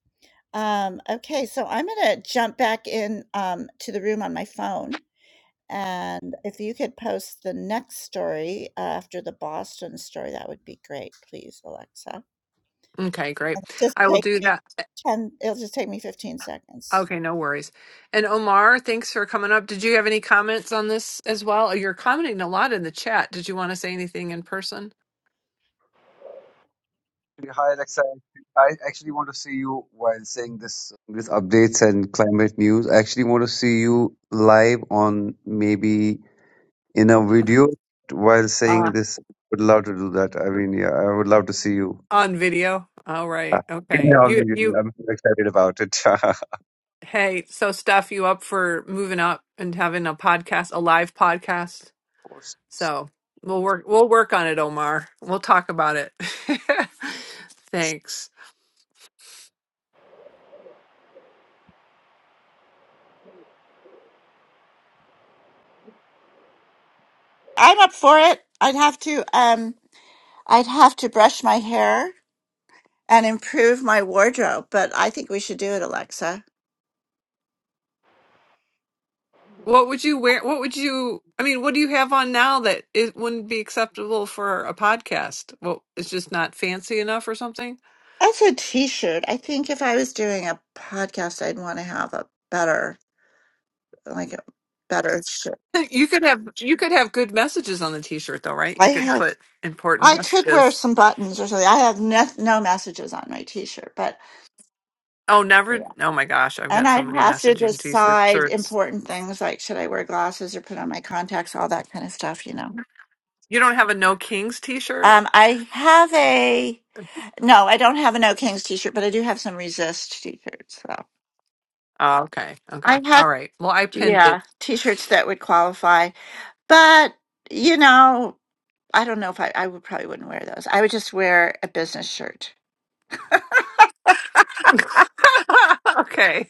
[SPEAKER 1] Um, okay, so I'm gonna jump back in, um, to the room on my phone. And if you could post the next story uh, after the Boston story, that would be great, please, Alexa.
[SPEAKER 3] Okay, great.
[SPEAKER 1] It'll just
[SPEAKER 3] I will
[SPEAKER 1] take
[SPEAKER 3] do
[SPEAKER 1] me
[SPEAKER 3] that.
[SPEAKER 1] 10, it'll just take me 15 seconds.
[SPEAKER 3] Okay, no worries. And Omar, thanks for coming up. Did you have any comments on this as well? You're commenting a lot in the chat. Did you want to say anything in person?
[SPEAKER 5] Hi Alexa, I actually want to see you while saying this this updates and climate news. I actually want to see you live on maybe in a video while saying
[SPEAKER 3] Uh,
[SPEAKER 5] this. Would love to do that. I mean, yeah, I would love to see you.
[SPEAKER 3] on video. All
[SPEAKER 5] Uh,
[SPEAKER 3] right. Okay.
[SPEAKER 5] yeah, I'm
[SPEAKER 3] You you
[SPEAKER 5] I'm excited about it. [LAUGHS]
[SPEAKER 3] hey, so Steph, you up for moving up and having a podcast, a live podcast?
[SPEAKER 5] Of course,
[SPEAKER 3] So we'll work we'll work on it, Omar. We'll talk about it. [LAUGHS]
[SPEAKER 5] it's,
[SPEAKER 3] thanks.
[SPEAKER 1] I'm up for it. I'd have to um I'd have to brush my hair and improve my wardrobe, but I think we should do it, Alexa.
[SPEAKER 3] What would you wear? What would you? I mean, what do you have on now that it wouldn't be acceptable for a podcast? Well, it's just not fancy enough or something. [LAUGHS]
[SPEAKER 1] That's a t-shirt. I think if I was doing a podcast, I'd want to have a better like a better shirt.
[SPEAKER 3] You could have you could have good messages on the t-shirt though, right?
[SPEAKER 1] I
[SPEAKER 3] You could
[SPEAKER 1] have
[SPEAKER 3] put important
[SPEAKER 1] I could wear
[SPEAKER 3] messages.
[SPEAKER 1] some buttons or something. I have no, no messages on my t-shirt, but
[SPEAKER 3] Oh, never.
[SPEAKER 1] yeah.
[SPEAKER 3] Oh my gosh, I've
[SPEAKER 1] And
[SPEAKER 3] got so
[SPEAKER 1] I'd
[SPEAKER 3] many
[SPEAKER 1] have to
[SPEAKER 3] messaging
[SPEAKER 1] decide
[SPEAKER 3] t-shirts.
[SPEAKER 1] important things like should I wear glasses or put on my contacts, all that kind of stuff, you know.
[SPEAKER 3] You don't have a No Kings t-shirt?
[SPEAKER 1] Um, I have a no, I don't have an O Kings t-shirt, but I do have some Resist t-shirts. So
[SPEAKER 3] Oh, okay. Okay.
[SPEAKER 1] I have
[SPEAKER 3] All right. Well, I pinned it.
[SPEAKER 1] yeah t-shirts that would qualify, but you know, I don't know if I I would probably wouldn't wear those. I would just wear a business shirt.
[SPEAKER 3] [LAUGHS] okay.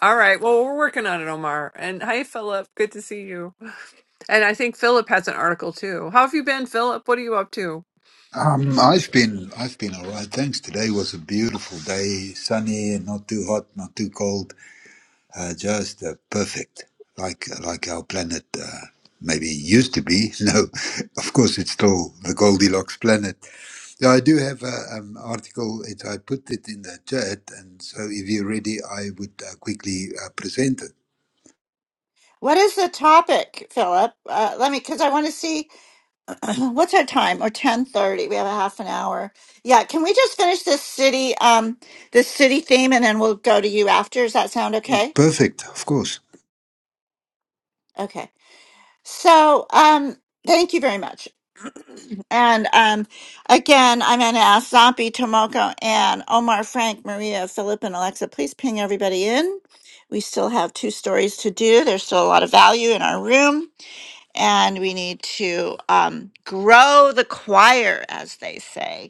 [SPEAKER 3] All right. Well, we're working on it, Omar. And hi, Philip. Good to see you. And I think Philip has an article too. How have you been, Philip? What are you up to?
[SPEAKER 6] Um, I've been I've been all right. Thanks. Today was a beautiful day, sunny, not too hot, not too cold. Uh, just uh, perfect, like like our planet uh, maybe used to be. [LAUGHS] No, of course it's still the Goldilocks planet. Yeah, I do have an um, article. It I put it in the chat, and so if you're ready, I would uh, quickly uh, present it.
[SPEAKER 1] What is the topic, Philip? Uh, let me, because I want to see. [CLEARS THROAT] what's our time? Or ten thirty? We have a half an hour. Yeah, can we just finish this city, um, this city theme, and then we'll go to you after? Does that sound okay?
[SPEAKER 6] Perfect, of course.
[SPEAKER 1] Okay. So, um, thank you very much. [CLEARS THROAT] And um, again, I'm going to ask Zombie, Tomoko, and Omar, Frank, Maria, Philip, and Alexa, please ping everybody in. We still have two stories to do. There's still a lot of value in our room, and we need to um, grow the choir, as they say.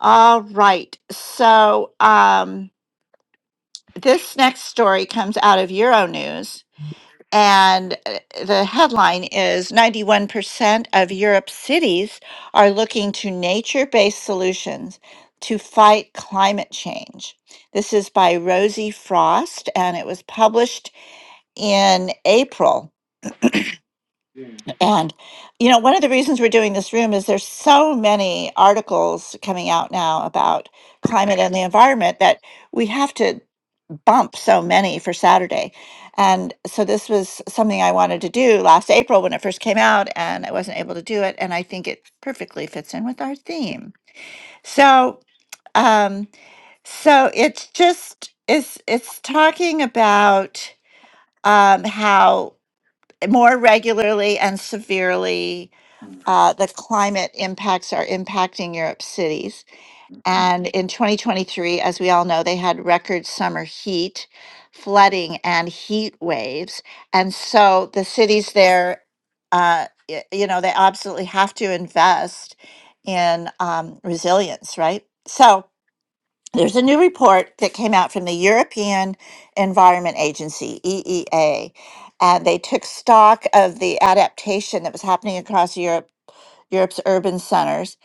[SPEAKER 1] All right. So um, this next story comes out of Euronews, and uh, the headline is 91% of Europe's cities are looking to nature based solutions to fight climate change. This is by Rosie Frost, and it was published in April.
[SPEAKER 4] Yeah.
[SPEAKER 1] And, you know, one of the reasons we're doing this room is there's so many articles coming out now about climate and the environment that we have to bump so many for Saturday. And so this was something I wanted to do last April when it first came out, and I wasn't able to do it. And I think it perfectly fits in with our theme. So, um, so it's just it's it's talking about um, how more regularly and severely uh, the climate impacts are impacting Europe's cities. And in 2023, as we all know, they had record summer heat, flooding, and heat waves. And so the cities there, uh, y- you know, they absolutely have to invest in um, resilience, right? So, there's a new report that came out from the European Environment Agency, EEA, and they took stock of the adaptation that was happening across Europe, Europe's urban centers,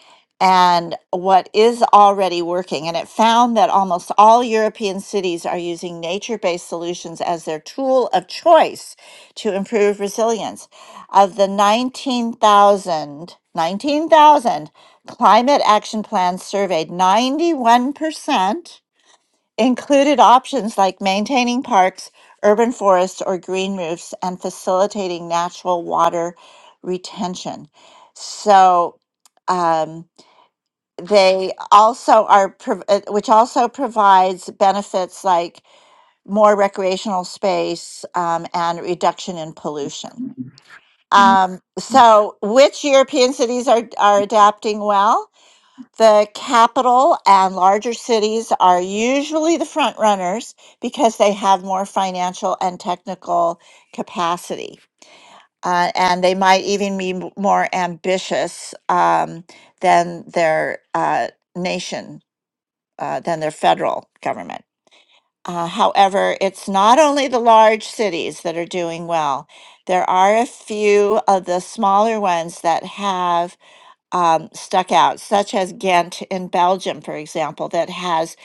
[SPEAKER 1] and what is already working. And it found that almost all European cities are using nature based solutions as their tool of choice to improve resilience of the 19,000, 19,000 climate action plans surveyed, 91% included options like maintaining parks, urban forests, or green roofs, and facilitating natural water retention. So um, they also are, prov- uh, which also provides benefits like more recreational space um, and reduction in pollution. Um, so, which European cities are, are adapting well? The capital and larger cities are usually the front runners because they have more financial and technical capacity. Uh, and they might even be m- more ambitious um, than their uh, nation, uh, than their federal government. Uh, however, it's not only the large cities that are doing well. There are a few of the smaller ones that have um, stuck out, such as Ghent in Belgium, for example, that has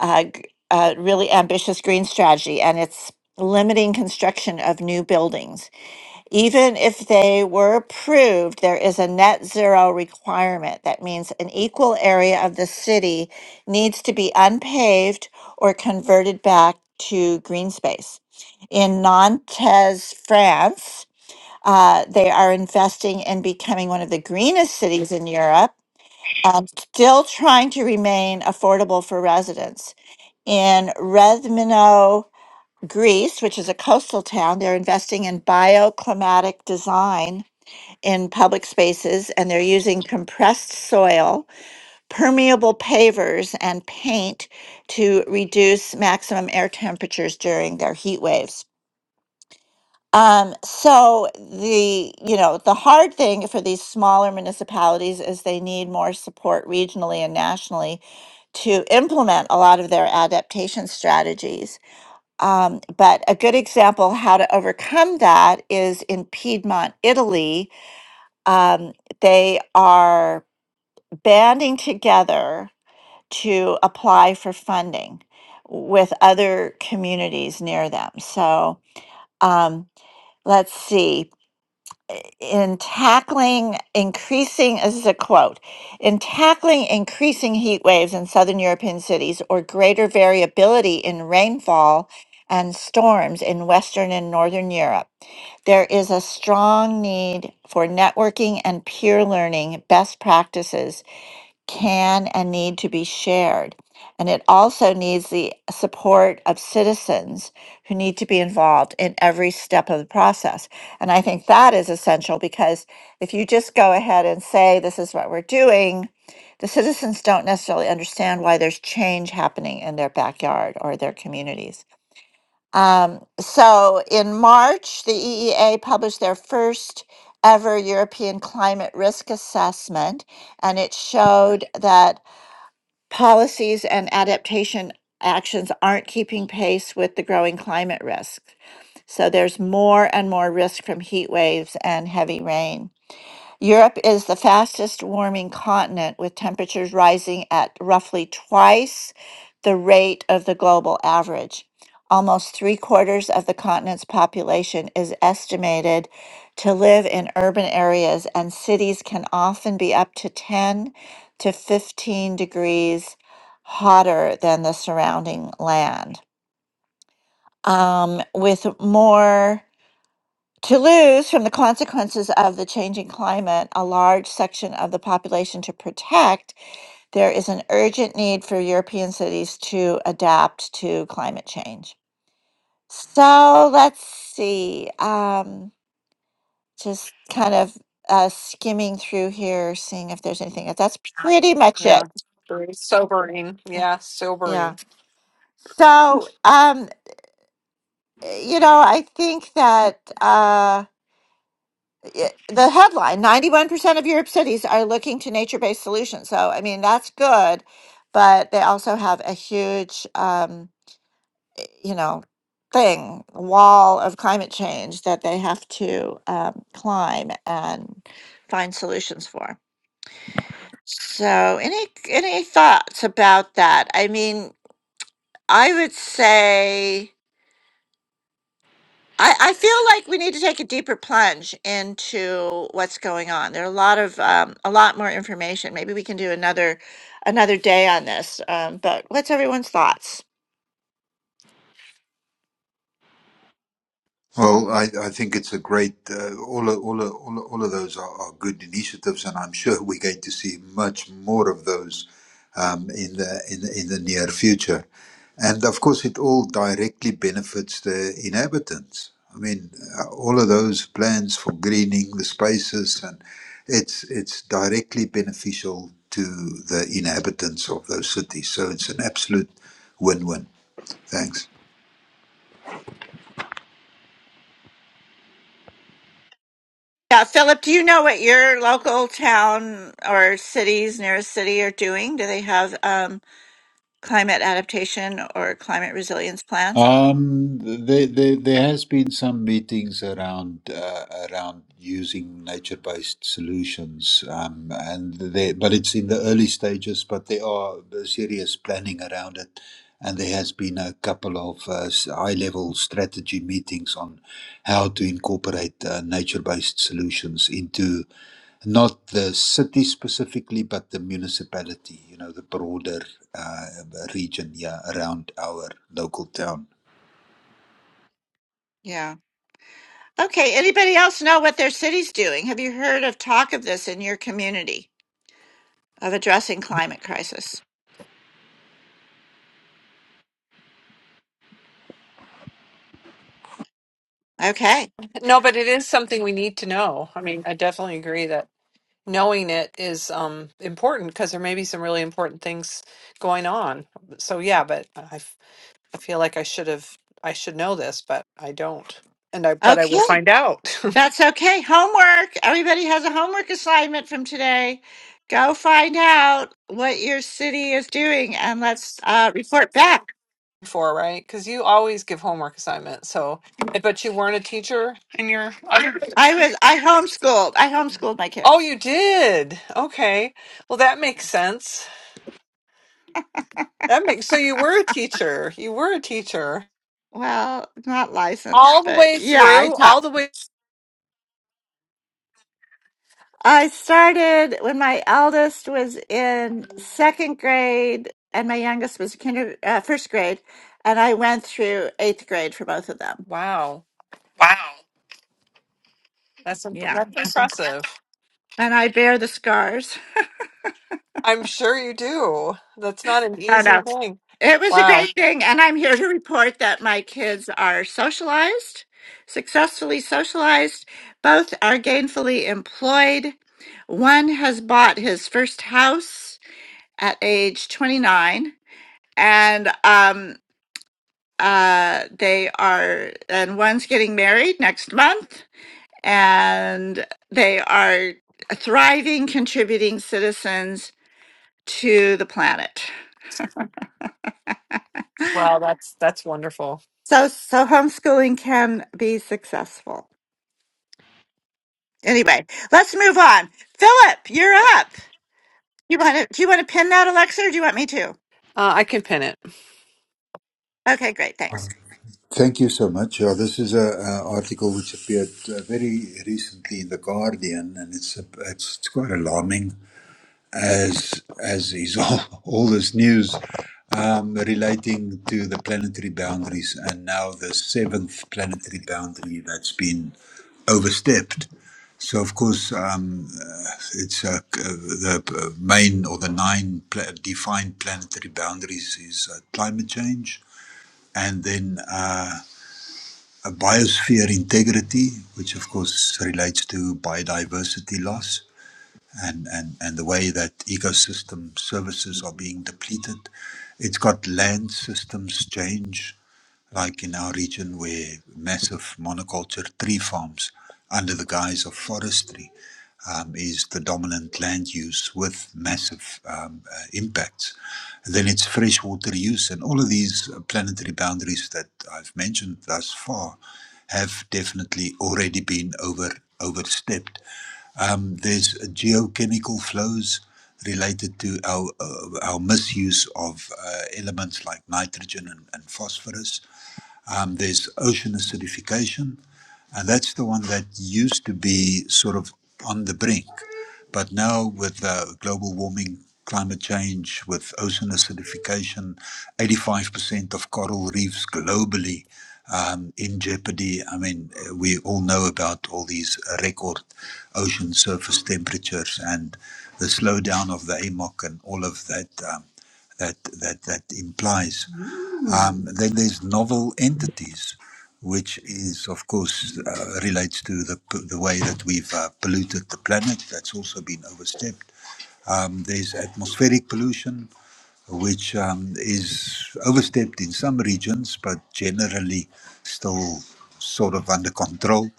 [SPEAKER 1] a, g- a really ambitious green strategy and it's limiting construction of new buildings. Even if they were approved, there is a net zero requirement. That means an equal area of the city needs to be unpaved or converted back to green space. In Nantes, France, uh, they are investing in becoming one of the greenest cities in Europe and still trying to remain affordable for residents. In Redmino, Greece, which is a coastal town, they're investing in bioclimatic design in public spaces and they're using compressed soil, permeable pavers, and paint to reduce maximum air temperatures during their heat waves. Um, so the you know the hard thing for these smaller municipalities is they need more support regionally and nationally to implement a lot of their adaptation strategies. Um, but a good example how to overcome that is in Piedmont, Italy, um, they are banding together to apply for funding with other communities near them. So um, let's see in tackling increasing this is a quote in tackling increasing heat waves in southern european cities or greater variability in rainfall and storms in western and northern europe there is a strong need for networking and peer learning best practices can and need to be shared. And it also needs the support of citizens who need to be involved in every step of the process. And I think that is essential because if you just go ahead and say, this is what we're doing, the citizens don't necessarily understand why there's change happening in their backyard or their communities. Um, so in March, the EEA published their first ever European climate risk assessment, and it showed that Policies and adaptation actions aren't keeping pace with the growing climate risks. So there's more and more risk from heat waves and heavy rain. Europe is the fastest warming continent, with temperatures rising at roughly twice the rate of the global average. Almost three quarters of the continent's population is estimated to live in urban areas, and cities can often be up to 10 to 15 degrees hotter than the surrounding land. Um, with more to lose from the consequences of the changing climate a large section of the population to protect, there is an urgent need for European cities to adapt to climate change. So let's see, um, just kind of uh, skimming through here, seeing if there's anything else. That's pretty much it.
[SPEAKER 3] Yeah. Very sobering. Yeah,
[SPEAKER 1] Yeah.
[SPEAKER 3] sobering.
[SPEAKER 1] So, um, you know, I think that. Uh, it- the headline 91% of Europe's cities are looking to nature based solutions. So, I mean, that's good, but they also have a huge, um, i- you know, thing, wall of climate change that they have to um, climb and find solutions for. So, any any thoughts about that? I mean, I would say I, I feel like we need to take a deeper plunge into what's going on. There are a lot of um, a lot more information. Maybe we can do another another day on this. Um, but what's everyone's thoughts?
[SPEAKER 6] Well, I, I think it's a great uh, all of, all of, all of, all of those are, are good initiatives, and I'm sure [LAUGHS] we're going to see much more of those um, in the in the, in the near future. And of course, it all directly benefits the inhabitants. I mean, uh, all of those plans for greening the spaces, and it's it's directly beneficial to the inhabitants of those cities. So it's an absolute win-win. Thanks.
[SPEAKER 1] Yeah, Philip, do you know what your local town or cities, nearest city, are doing? Do they have um, climate adaptation or climate resilience plans?
[SPEAKER 6] Um, there, there, there has been some meetings around uh, around using nature-based solutions, um, and they, but it's in the early stages. But there are serious planning around it, and there has been a couple of uh, s- high-level strategy meetings on how to incorporate uh, nature-based solutions into not the city specifically, but the municipality. You know, the broader uh, region, yeah, around our local town.
[SPEAKER 1] Yeah. Okay. Anybody else know what their city's doing? Have you heard of talk of this in your community of addressing climate crisis? Okay.
[SPEAKER 3] No, but it is something we need to know. I mean, I definitely agree that knowing it is um important because there may be some really important things going on. So yeah, but I f- I feel like I should have I should know this, but I don't. And I but I
[SPEAKER 1] Okay.
[SPEAKER 3] will find out.
[SPEAKER 1] That's okay. Homework. Everybody has a homework assignment from today. Go find out what your city is doing and let's uh, report back.
[SPEAKER 3] before, right? Because you always give homework assignments. So I bet you weren't a teacher in your other.
[SPEAKER 1] I was I homeschooled. I homeschooled my
[SPEAKER 3] Oh,
[SPEAKER 1] kids.
[SPEAKER 3] you did. Okay. Well, that makes sense. That makes so you were a teacher. You were a teacher
[SPEAKER 1] Well, not licensed,
[SPEAKER 3] all the
[SPEAKER 1] but
[SPEAKER 3] way
[SPEAKER 1] yeah, I
[SPEAKER 3] through.
[SPEAKER 1] taught.
[SPEAKER 3] All the way.
[SPEAKER 1] I started when my eldest was in second grade and my youngest was kinder uh, first grade, and I went through eighth grade for both of them.
[SPEAKER 3] Wow, that's imp-
[SPEAKER 1] Yeah,
[SPEAKER 3] that's impressive.
[SPEAKER 1] and I bear the scars.
[SPEAKER 3] I'm sure you do. That's not an
[SPEAKER 1] No,
[SPEAKER 3] easy
[SPEAKER 1] no.
[SPEAKER 3] thing.
[SPEAKER 1] It was a
[SPEAKER 3] Wow.
[SPEAKER 1] great thing. And I'm here to report that my kids are socialized, successfully socialized. Both are gainfully employed. One has bought his first house at age 29, and um, uh, they are, and one's getting married next month, and they are thriving, contributing citizens to the planet.
[SPEAKER 3] Wow, that's that's wonderful.
[SPEAKER 1] So, so homeschooling can be successful. Anyway, let's move on. Philip, you're up. You want to? Do you want to pin that, Alexa, or do you want me to?
[SPEAKER 3] Uh, I can pin it.
[SPEAKER 1] Okay, great, thanks.
[SPEAKER 6] Thank you so much. Yeah, this is a, a article which appeared uh, very recently in the Guardian, and it's a, it's, it's quite alarming, as as is [LAUGHS] all, all this news um, relating to the planetary boundaries, and now the seventh planetary boundary that's been overstepped. So of course, um, uh, it's uh, c- uh, the uh, main or the nine pla- defined planetary boundaries is uh, climate change, and then. Uh, a biosphere integrity, which of course relates to biodiversity loss and, and, and the way that ecosystem services are being depleted. It's got land systems change, like in our region where massive monoculture tree farms under the guise of forestry um, is the dominant land use with massive um, uh, impacts. And then it's freshwater use, and all of these uh, planetary boundaries that I've mentioned thus far have definitely already been over overstepped. Um, there's geochemical flows related to our uh, our misuse of uh, elements like nitrogen and, and phosphorus um, there's ocean acidification, and that's the one that used to be sort of on the brink. But now, with uh, global warming, climate change, with ocean acidification, 85% of coral reefs globally um, in jeopardy. I mean, uh, we all know about all these uh, record ocean surface temperatures and the slowdown of the AMOC and all of that. Um, that that that implies. Mm. Um, then there's novel entities, which is of course uh, relates to the the way that we've uh, polluted the planet. That's also been overstepped. Um, there's atmospheric pollution, which um, is overstepped in some regions, but generally still sort of under control.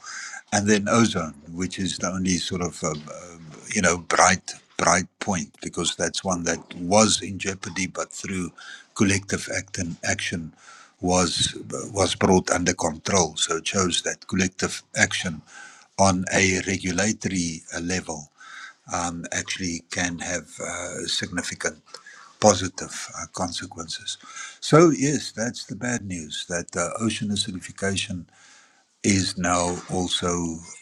[SPEAKER 6] And then ozone, which is the only sort of um, um, you know bright bright point, because that's one that was in jeopardy, but through collective act and action was was brought under control. So it shows that collective action on a regulatory uh, level um, actually can have uh, significant positive uh, consequences. So, yes, that's the bad news that uh, ocean acidification is now also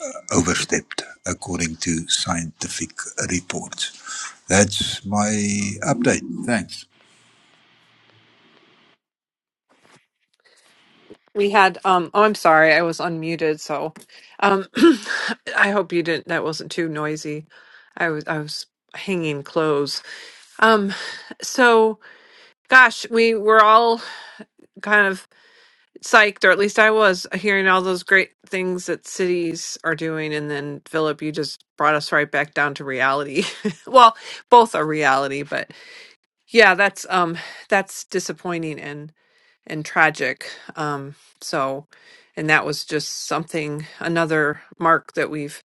[SPEAKER 6] uh, overstepped according to scientific reports. That's my update. Thanks.
[SPEAKER 3] We had um oh I'm sorry, I was unmuted, so um [CLEARS THROAT] I hope you didn't that wasn't too noisy. I was I was hanging clothes. Um so gosh, we were all kind of psyched, or at least I was, hearing all those great things that cities are doing. And then, Philip, you just brought us right back down to reality. [LAUGHS] well, both are reality, but yeah, that's um, that's disappointing and and tragic. Um, so, and that was just something another mark that we've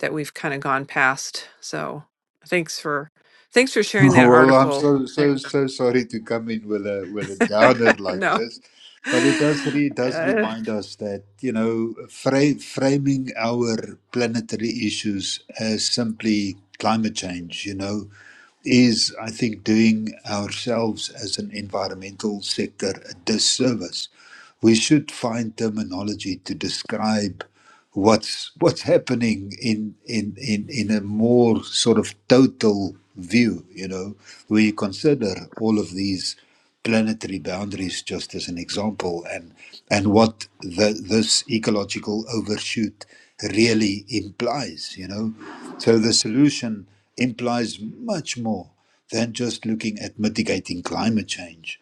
[SPEAKER 3] that we've kind of gone past. So, thanks for thanks for
[SPEAKER 6] [LAUGHS]
[SPEAKER 3] sharing that
[SPEAKER 6] Well, I'm
[SPEAKER 3] article.
[SPEAKER 6] so so
[SPEAKER 3] And,
[SPEAKER 6] so sorry to come in with a with a downer
[SPEAKER 3] [LAUGHS]
[SPEAKER 6] like
[SPEAKER 3] no.
[SPEAKER 6] this, but it does re, does
[SPEAKER 3] [LAUGHS]
[SPEAKER 6] remind us that you know fra- framing our planetary issues as simply climate change, you know, is I think doing ourselves as an environmental sector a disservice. We should find terminology to describe what's what's happening in in in in a more sort of total view you know where you consider all of these planetary boundaries just as an example and and what the this ecological overshoot really implies you know so the solution implies much more than just looking at mitigating climate change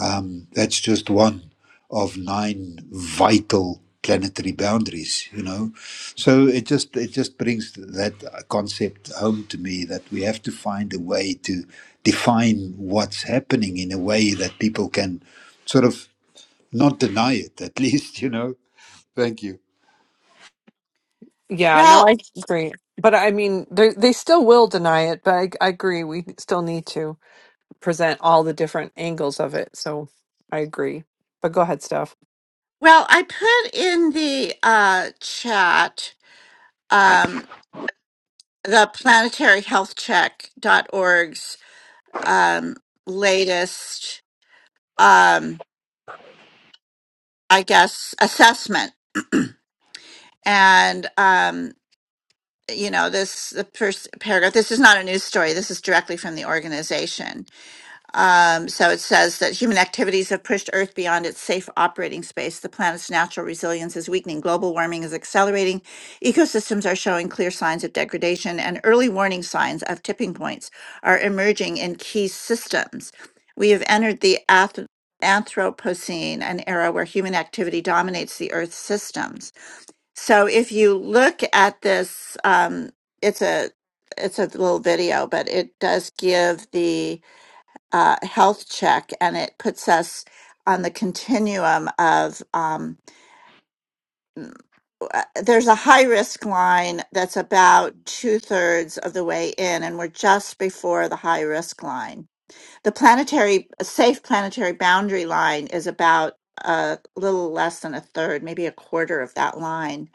[SPEAKER 6] um, that's just one of nine vital planetary boundaries, you know. So it just it just brings that concept home to me that we have to find a way to define what's happening in a way that people can sort of not deny it, at [LAUGHS] least, you know. Thank you.
[SPEAKER 3] Yeah, no,
[SPEAKER 1] Well,
[SPEAKER 3] I agree. But I mean, they they still will deny it, but I, I agree. We still need to present all the different angles of it. So I agree. But go ahead, Steph.
[SPEAKER 1] well, I put in the uh, chat um, the planetaryhealthcheck.org's um, latest, um, I guess, assessment, and um, you know this the first paragraph. This is not a news story. This is directly from the organization Um, so it says that human activities have pushed Earth beyond its safe operating space. The planet's natural resilience is weakening. Global warming is accelerating. Ecosystems are showing clear signs of degradation, and early warning signs of tipping points are emerging in key systems. We have entered the ath- Anthropocene, an era where human activity dominates the Earth's systems. So if you look at this, um, it's a it's a little video, but it does give the uh, health check, and it puts us on the continuum of um, uh, there's a high risk line that's about two thirds of the way in, and we're just before the high risk line. The planetary safe planetary boundary line is about a little less than a third, maybe a quarter of that line,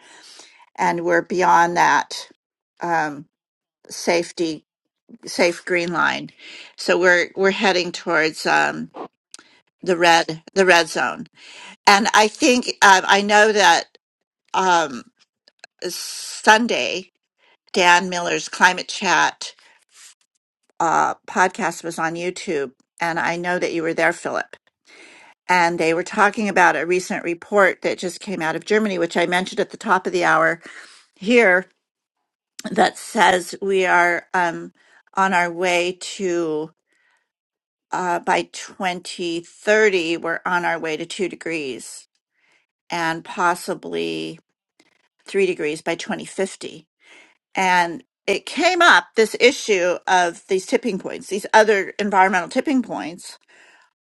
[SPEAKER 1] and we're beyond that um, safety safe green line. So we're we're heading towards um, the red the red zone And I think um, I know that um, Sunday, Dan Miller's Climate Chat uh, podcast was on YouTube. And I know that you were there, Philip. And they were talking about a recent report that just came out of Germany, which I mentioned at the top of the hour here, that says we are um, on our way to, uh, by 2030, we're on our way to two degrees and possibly three degrees by 2050 and it came up this issue of these tipping points, these other environmental tipping points.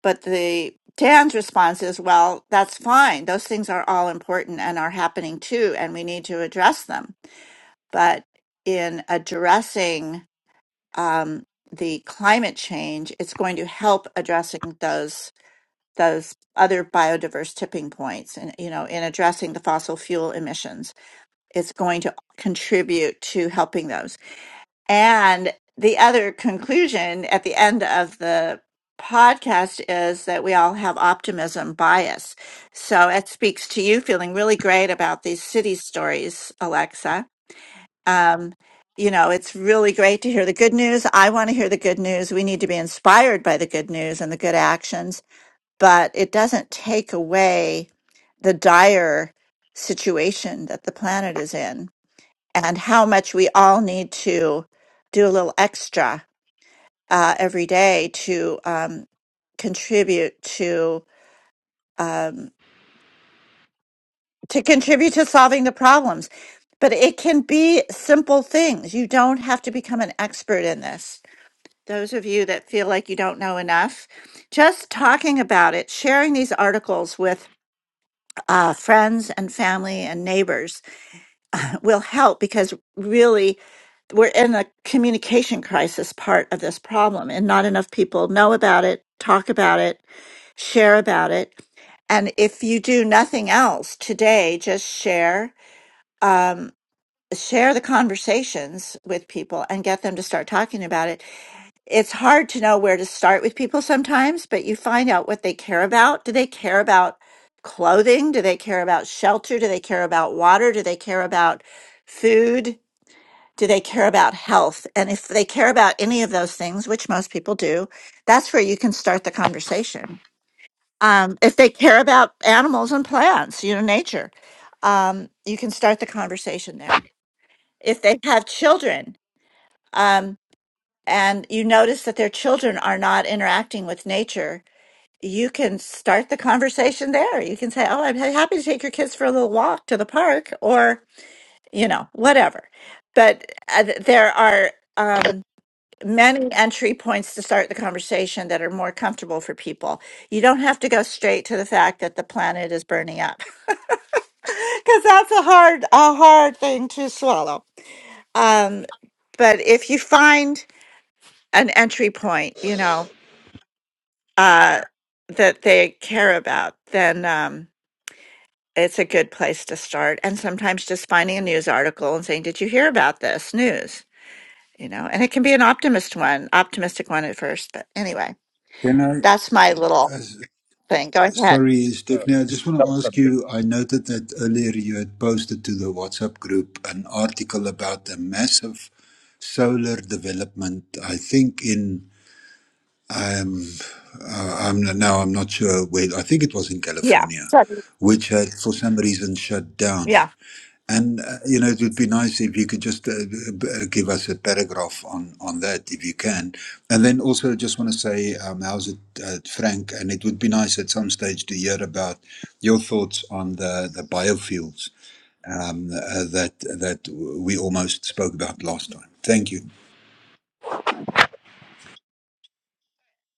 [SPEAKER 1] But the Dan's response is, well, that's fine. Those things are all important and are happening too, and we need to address them. But in addressing um, the climate change, it's going to help addressing those those other biodiverse tipping points, and you know, in addressing the fossil fuel emissions, it's going to contribute to helping those. And the other conclusion at the end of the podcast is that we all have optimism bias. So it speaks to you feeling really great about these city stories, Alexa. Um, you know, it's really great to hear the good news. I want to hear the good news. We need to be inspired by the good news and the good actions, but it doesn't take away the dire situation that the planet is in and how much we all need to do a little extra uh, every day to um, contribute to um, to contribute to solving the problems. But it can be simple things. You don't have to become an expert in this. Those of you that feel like you don't know enough, just talking about it, sharing these articles with uh, friends and family and neighbors will help because really we're in a communication crisis part of this problem and not enough people know about it, talk about it, share about it. And if you do nothing else today, just share, um, share the conversations with people and get them to start talking about it. It's hard to know where to start with people sometimes, but you find out what they care about. Do they care about clothing? Do they care about shelter? Do they care about water? Do they care about food? Do they care about health? And if they care about any of those things, which most people do, that's where you can start the conversation. Um, if they care about animals and plants, you know, nature, um, you can start the conversation there. If they have children um, and you notice that their children are not interacting with nature, you can start the conversation there. You can say, Oh, I'm ha- happy to take your kids for a little walk to the park or, you know, whatever. But uh, th- there are. Um, many entry points to start the conversation that are more comfortable for people. You don't have to go straight to the fact that the planet is burning up [LAUGHS] because that's a hard a hard thing to swallow. Um, but if you find an entry point, you know, uh, that they care about, then um, it's a good place to start. And sometimes just finding a news article and saying, "Did you hear about this news?" You know, and it can be an optimist one, optimistic one at first. But anyway,
[SPEAKER 6] Can I?
[SPEAKER 1] that's my little
[SPEAKER 6] uh,
[SPEAKER 1] thing. Go ahead.
[SPEAKER 6] Sorry,
[SPEAKER 5] uh,
[SPEAKER 6] Stephanie, I
[SPEAKER 5] it's
[SPEAKER 6] just want
[SPEAKER 5] a
[SPEAKER 6] to
[SPEAKER 5] tough
[SPEAKER 6] ask
[SPEAKER 5] subject.
[SPEAKER 6] you. I noted that earlier you had posted to the WhatsApp group an article about a massive solar development. I think in um, uh, I'm now I'm not sure where. I think it was in
[SPEAKER 1] Yeah.
[SPEAKER 6] California,
[SPEAKER 1] Sure.
[SPEAKER 6] which had for some reason shut down.
[SPEAKER 1] Yeah.
[SPEAKER 6] And uh, you know, it would be nice if you could just uh, b- uh, give us a paragraph on on that, if you can. And then also, I just want to say, um, how's it, uh, Frank? And it would be nice at some stage to hear about your thoughts on the the biofuels um, uh, that that we almost spoke about last time. Thank you,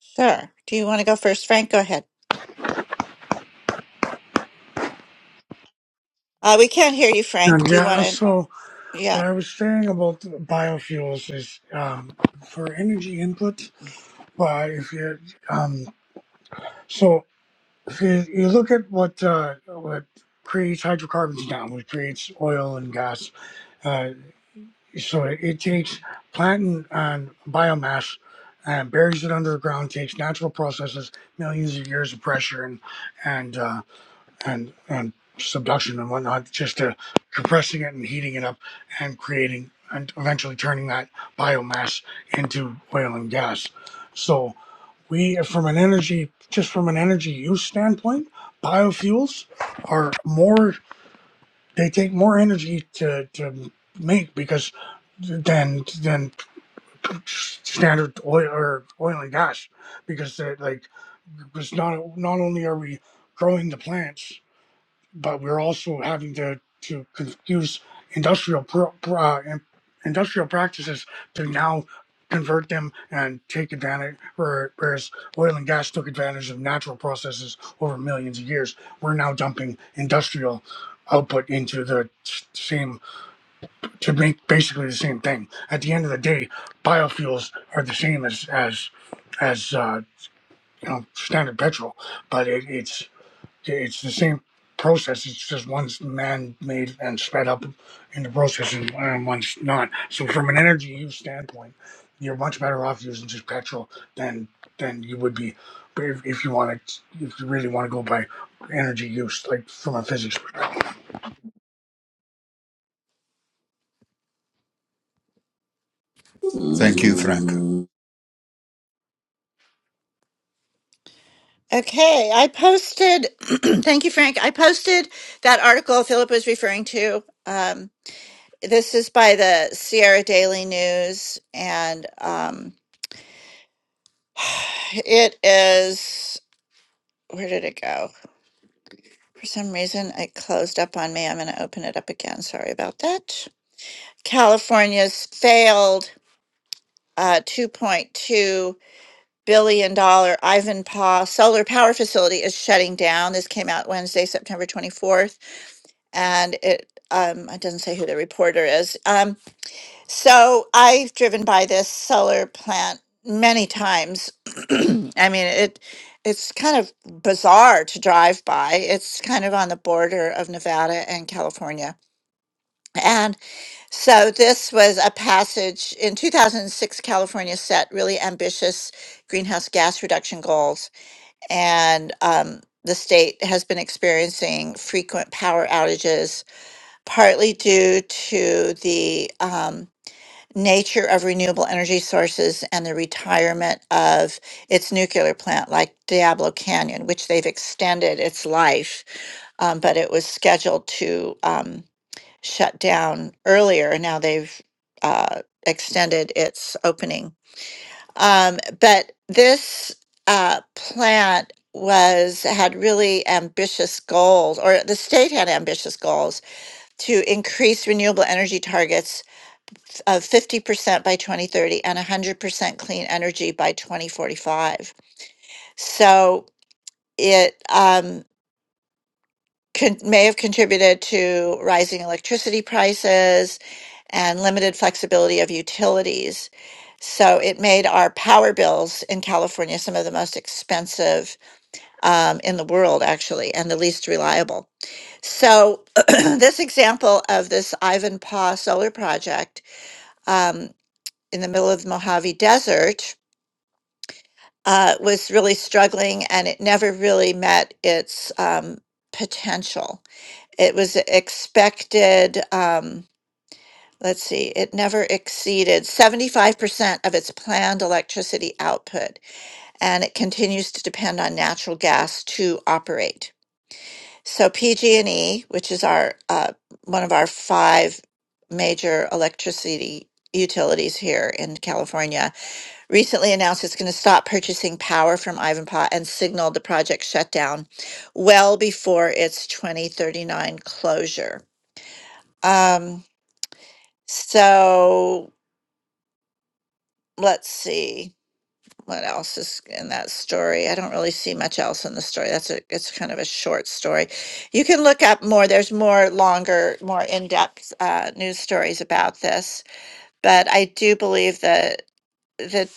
[SPEAKER 1] Sure. Do you want to go first, Frank? Go ahead. Uh, we can't hear you, Frank.
[SPEAKER 4] And
[SPEAKER 1] Do you want
[SPEAKER 4] yeah, so
[SPEAKER 1] to?
[SPEAKER 4] what
[SPEAKER 1] Yeah.
[SPEAKER 4] I was saying about the biofuels is um, for energy input, but if you um, so if you, you look at what uh, what creates hydrocarbons now, what creates oil and gas, uh, so it, it takes plant and, and biomass and buries it under the ground, takes natural processes, millions of years of pressure and and uh, and and subduction and whatnot, just to compressing it and heating it up and creating and eventually turning that biomass into oil and gas. So we from an energy just from an energy use standpoint biofuels are more they take more energy to, to make because than than standard oil or oil and gas because they're like because not not only are we growing the plants but we're also having to to confuse industrial pro, uh, industrial practices to now convert them and take advantage. where- Whereas oil and gas took advantage of natural processes over millions of years, we're now dumping industrial output into the s- same to make basically the same thing. At the end of the day, biofuels are the same as as as uh, you know standard petrol, but it, it's it's the same process. It's just one's man-made and sped up in the process, and, and one's not. So, from an energy use standpoint, you're much better off using just petrol than than you would be if, if you want to, if you really want to go by energy use, like from a physics. perspective.
[SPEAKER 6] thank you, Frank.
[SPEAKER 1] Okay. I posted. [CLEARS THROAT] thank you, Frank. I posted that article Philip was referring to. Um, this is by the Sierra Daily News, and um, it is. Where did it go? For some reason, it closed up on me. I'm going to open it up again. Sorry about that. California's failed uh, $2.2 billion dollars Ivanpah solar power facility is shutting down. This came out Wednesday, September 24th, and it um, it doesn't say who the reporter is. um. So I've driven by this solar plant many times. [CLEARS THROAT] I mean, it it's kind of bizarre to drive by. It's kind of on the border of Nevada and California. And so this was a passage in 2006 California set really ambitious greenhouse gas reduction goals and um the state has been experiencing frequent power outages, partly due to the um, nature of renewable energy sources and the retirement of its nuclear plant, like Diablo Canyon, which they've extended its life, um, but it was scheduled to um, shut down earlier. Now they've uh, extended its opening. Um, but this uh, plant was had really ambitious goals or the state had ambitious goals to increase renewable energy targets of 50% by 2030 and 100% clean energy by 2045. So it um, con- may have contributed to rising electricity prices and limited flexibility of utilities. So it made our power bills in California some of the most expensive um, in the world, actually, and the least reliable. So [CLEARS THROAT] this example of this Ivanpah solar project um, in the middle of the Mojave Desert uh, was really struggling and it never really met its um, potential. It was expected, um, let's see, it never exceeded 75% of its planned electricity output, and it continues to depend on natural gas to operate. So PG&E, which is our uh, one of our five major electricity utilities here in California, recently announced it's going to stop purchasing power from Ivanpah and signaled the project shutdown well before its 2039 closure. Um, so let's see what else is in that story. I don't really see much else in the story. That's a it's kind of a short story. You can look up more. There's more longer, more in depth uh, news stories about this, but I do believe that. the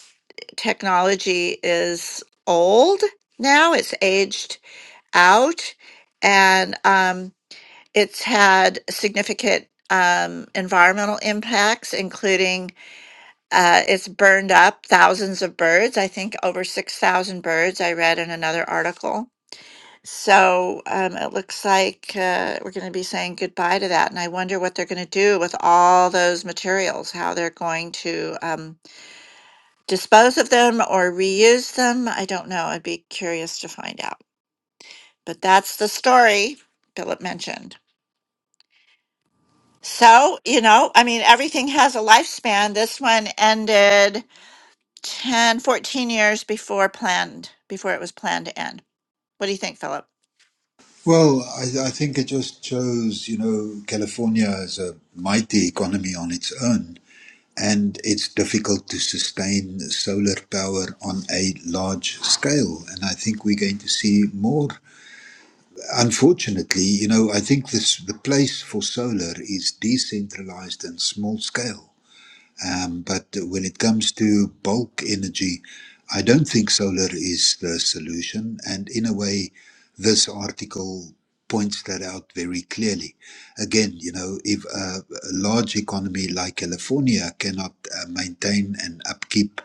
[SPEAKER 1] technology is old now, it's aged out, and um, it's had significant um, environmental impacts, including uh, it's burned up thousands of birds. I think over 6,000 birds, I read in another article. So um, it looks like uh, we're going to be saying goodbye to that. And I wonder what they're going to do with all those materials, how they're going to. um, dispose of them or reuse them. I don't know. I'd be curious to find out. But that's the story Philip mentioned. So, you know, I mean, everything has a lifespan. This one ended 10, 14 years before planned, before it was planned to end. What do you think, Philip?
[SPEAKER 6] Well, I, I think it just shows, you know, California is a mighty economy on its own and it's difficult to sustain solar power on a large scale. And I think we're going to see more. Unfortunately, you know, I think this the place for solar is decentralized and small scale um, but when it comes to bulk energy, I don't think solar is the solution. And in a way, this article points that out very clearly. Again, you know, if a, a large economy like California cannot uh, maintain and upkeep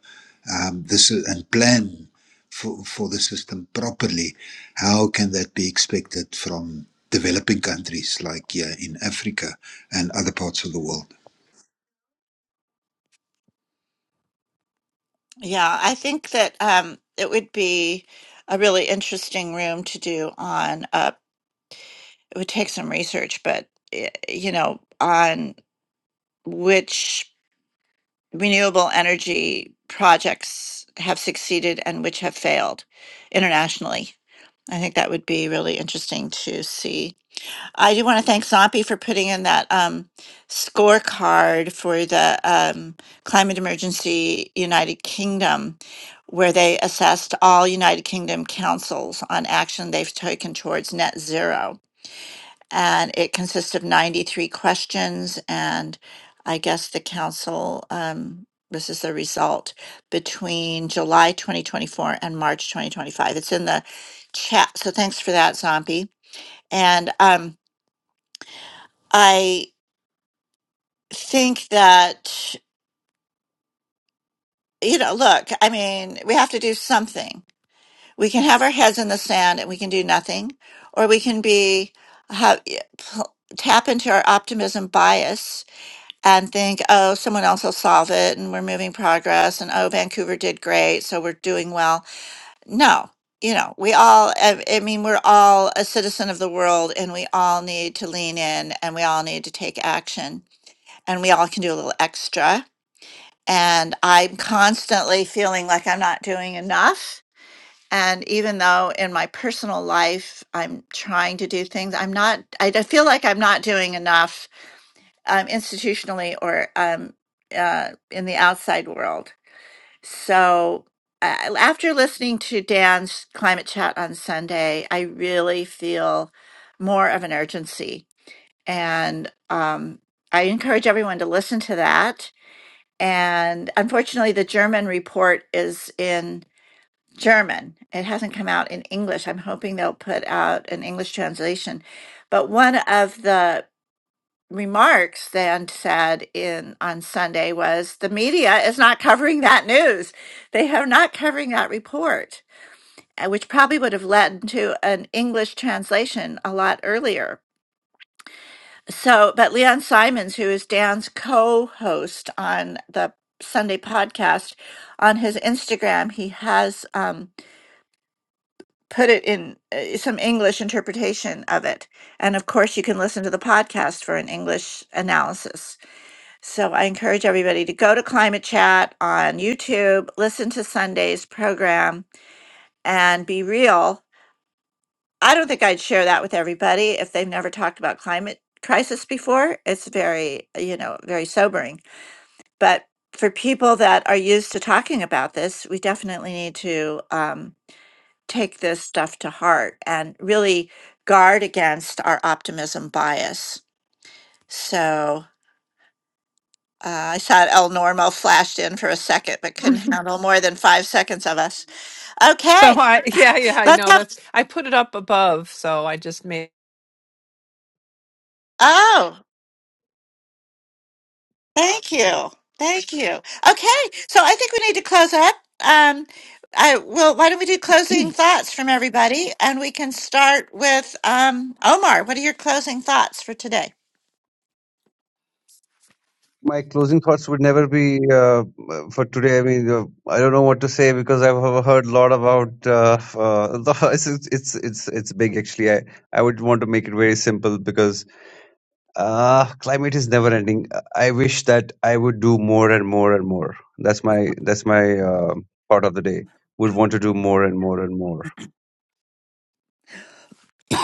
[SPEAKER 6] um, this and plan for, for the system properly, how can that be expected from developing countries like here in Africa and other parts of the world?
[SPEAKER 1] Yeah, I think that um, it would be a really interesting room to do on. Uh, it would take some research, but eh, you know, on which renewable energy projects have succeeded and which have failed internationally. I think that would be really interesting to see. I do want to thank Zompi for putting in that um, scorecard for the um, climate emergency United Kingdom, where they assessed all United Kingdom councils on action they've taken towards net zero and it consists of 93 questions and i guess the council um, this is the result between july 2024 and march 2025 it's in the chat so thanks for that zombie and um, i think that you know look i mean we have to do something we can have our heads in the sand and we can do nothing or we can be have, tap into our optimism bias and think, oh, someone else will solve it and we're moving progress and oh, Vancouver did great, so we're doing well. No, you know, we all, I I mean, we're all a citizen of the world and we all need to lean in and we all need to take action and we all can do a little extra. And I'm constantly feeling like I'm not doing enough. And even though in my personal life I'm trying to do things, I'm not, I I feel like I'm not doing enough um, institutionally or um, uh, in the outside world. So, uh, after listening to Dan's climate chat on Sunday, I really feel more of an urgency. And um, I encourage everyone to listen to that. And unfortunately, the German report is in German. It hasn't come out in English. I'm hoping they'll put out an English translation. But one of the remarks then said in on Sunday was the media is not covering that news. They are not covering that report, uh, which probably would have led to an English translation a lot earlier. So, but Leon Simons, who is Dan's co-host on the Sunday podcast, on his Instagram, he has um, put it in uh, some English interpretation of it, and of course, you can listen to the podcast for an English analysis. So I encourage everybody to go to Climate Chat on YouTube, listen to Sunday's program, and be real. I don't think I'd share that with everybody if they've never talked about climate crisis before. It's very, you know, very sobering. But for people that are used to talking about this, we definitely need to um, take this stuff to heart and really guard against our optimism bias. So Uh, I saw El Normo flashed in for a second, but
[SPEAKER 3] [LAUGHS]
[SPEAKER 1] couldn't handle more than five seconds of us.
[SPEAKER 3] So
[SPEAKER 1] Okay,
[SPEAKER 3] I,
[SPEAKER 1] [LAUGHS]
[SPEAKER 3] yeah, yeah, I
[SPEAKER 1] let's
[SPEAKER 3] know
[SPEAKER 1] have.
[SPEAKER 3] that's, I put it up above. So I just made,
[SPEAKER 1] Oh, thank you, thank you. Okay, so I think we need to close up. Um, I well, why don't we do closing thoughts from everybody, and we can start with um, Omar. What are your closing thoughts for today?
[SPEAKER 5] my closing thoughts would never be uh, for today. I mean, uh, I don't know what to say because I've he- heard a lot about uh, uh, [LAUGHS] the, it's, it's it's it's big actually. I I would want to make it very simple because uh, climate is never ending. I wish that I would do more and more and more. That's my that's my uh, part of the day. Would want to do more and more and more.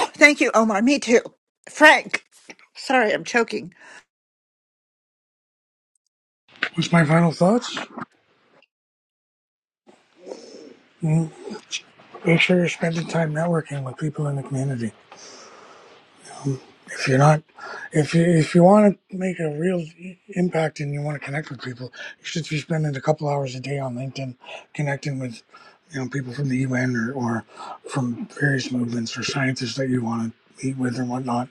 [SPEAKER 1] Thank you, Omar. Me too. Frank. Sorry, I'm choking.
[SPEAKER 4] What's my final thoughts? Mm, Make sure you're spending time networking with people in the community if you're not if you if you want to make a real impact and you want to connect with people you should be spending a couple hours a day on linkedin connecting with you know people from the un or, or from various movements or scientists that you want to meet with and whatnot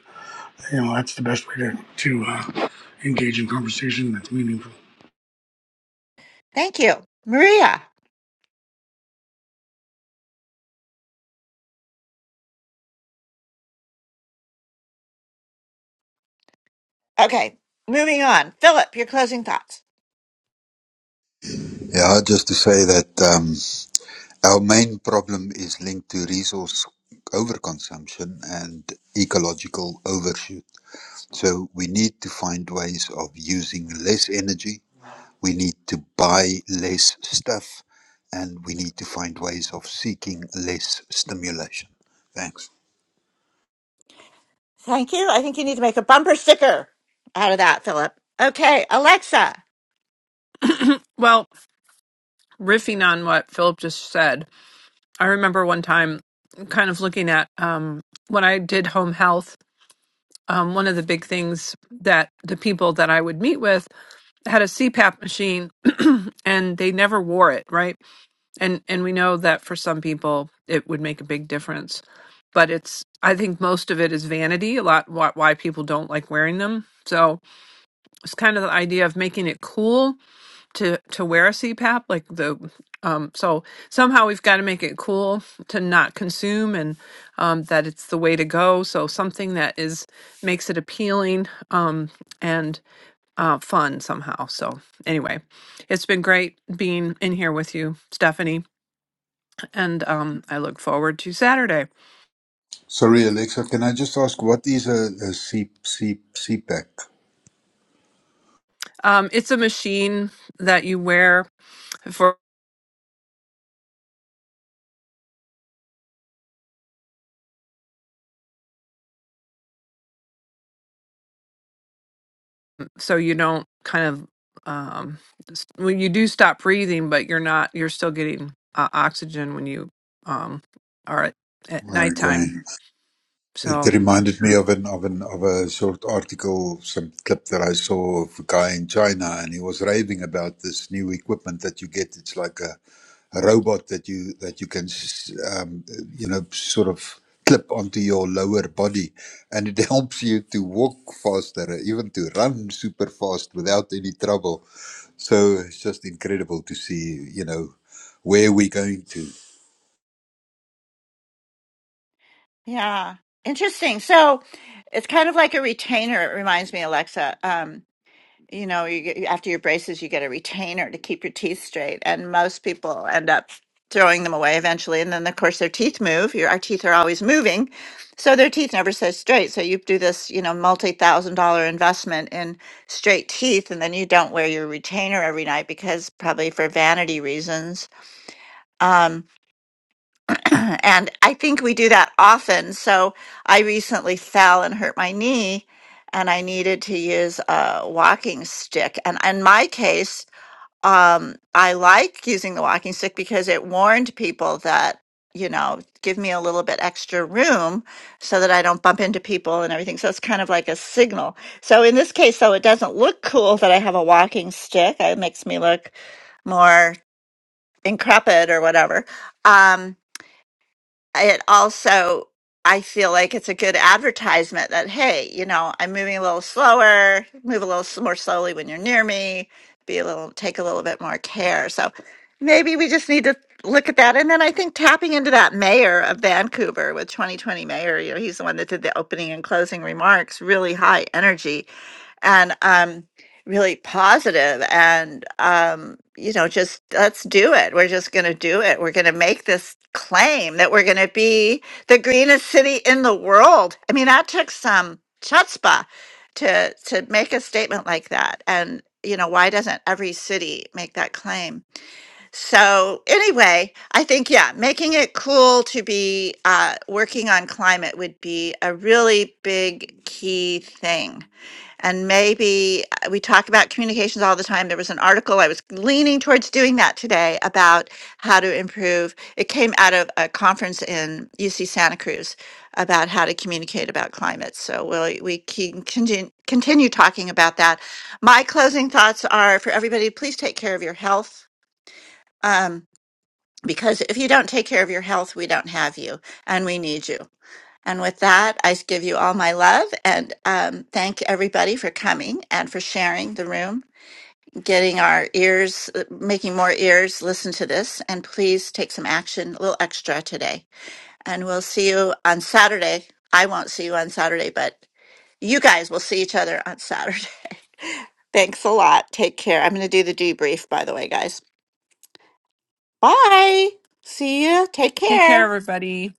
[SPEAKER 4] you know that's the best way to to uh, engage in conversation that's meaningful
[SPEAKER 1] Thank you, Maria. Okay, moving on. Philip, your closing thoughts.
[SPEAKER 6] Yeah, just to say that um, our main problem is linked to resource overconsumption and ecological overshoot. So we need to find ways of using less energy, we need to buy less stuff, and we need to find ways of seeking less stimulation. Thanks.
[SPEAKER 1] Thank you. I think you need to make a bumper sticker out of that, Philip. Okay, Alexa.
[SPEAKER 3] well, riffing on what Philip just said. I remember one time kind of looking at um, when I did home health, um, one of the big things that the people that I would meet with had a CPAP machine [CLEARS THROAT] and they never wore it, right? And and we know that for some people it would make a big difference. But it's I think most of it is vanity, a lot why, why people don't like wearing them. So it's kind of the idea of making it cool to to wear a CPAP like the um so somehow we've got to make it cool to not consume and um that it's the way to go so something that is makes it appealing um and uh fun somehow so anyway it's been great being in here with you Stephanie and um I look forward to Saturday
[SPEAKER 6] Sorry, Alexa, can I just ask what is a, a C, C, CPAC?
[SPEAKER 3] um it's a machine that you wear for so you don't kind of um s- well you do stop breathing but you're not you're still getting uh, oxygen when you um are at, at
[SPEAKER 6] Okay.
[SPEAKER 3] nighttime
[SPEAKER 6] It
[SPEAKER 3] so
[SPEAKER 6] reminded me of an of an of a short article, some clip that I saw of a guy in China, and he was raving about this new equipment that you get. It's like a, a robot that you that you can, s- um, you know, sort of clip onto your lower body, and it [LAUGHS] helps you to walk faster, even to run super fast without any trouble. So it's just incredible to see, you know, where we're going to.
[SPEAKER 1] Yeah, interesting. So it's kind of like a retainer. It reminds me, Alexa. Um, you know, you get, after your braces, you get a retainer to keep your teeth straight, and most people end up throwing them away eventually. And then, of course, their teeth move. Your, our teeth are always moving, so their teeth never stay straight. So you do this, you know, multi-thousand-dollar investment in straight teeth, and then you don't wear your retainer every night because probably for vanity reasons. um, [CLEARS THROAT] and I think we do that often. So I recently fell and hurt my knee, and I needed to use a walking stick. And in my case, um, I like using the walking stick because it warned people that, you know, give me a little bit extra room so that I don't bump into people and everything. So it's kind of like a signal. So in this case, though, it doesn't look cool that I have a walking stick. It makes me look more increpid or whatever. Um, it also I feel like it's a good advertisement that hey, you know, I'm moving a little slower, move a little s- more slowly when you're near me, be a little take a little bit more care. So maybe we just need to look at that and then I think tapping into that mayor of Vancouver with 2020 mayor, you know, he's the one that did the opening and closing remarks, really high energy. And um really positive and um you know just let's do it we're just going to do it we're going to make this claim that we're going to be the greenest city in the world i mean that took some chutzpah to to make a statement like that and you know why doesn't every city make that claim so anyway, I think yeah, making it cool to be uh, working on climate would be a really big key thing. And maybe uh, we talk about communications all the time. There was an article I was leaning towards doing that today about how to improve. It came out of a conference in UC Santa Cruz about how to communicate about climate. So we'll, we can continue, continue talking about that. My closing thoughts are for everybody, please take care of your health. Um, because if you don't take care of your health, we don't have you and we need you. And with that, I give you all my love and um, thank everybody for coming and for sharing the room, getting our ears, uh, making more ears listen to this. And please take some action, a little extra today. And we'll see you on Saturday. I won't see you on Saturday, but you guys will see each other on Saturday. [LAUGHS] Thanks a lot. Take care. I'm going to do the debrief, by the way, guys. Bye. See you. Take
[SPEAKER 3] take care
[SPEAKER 1] care.
[SPEAKER 3] everybody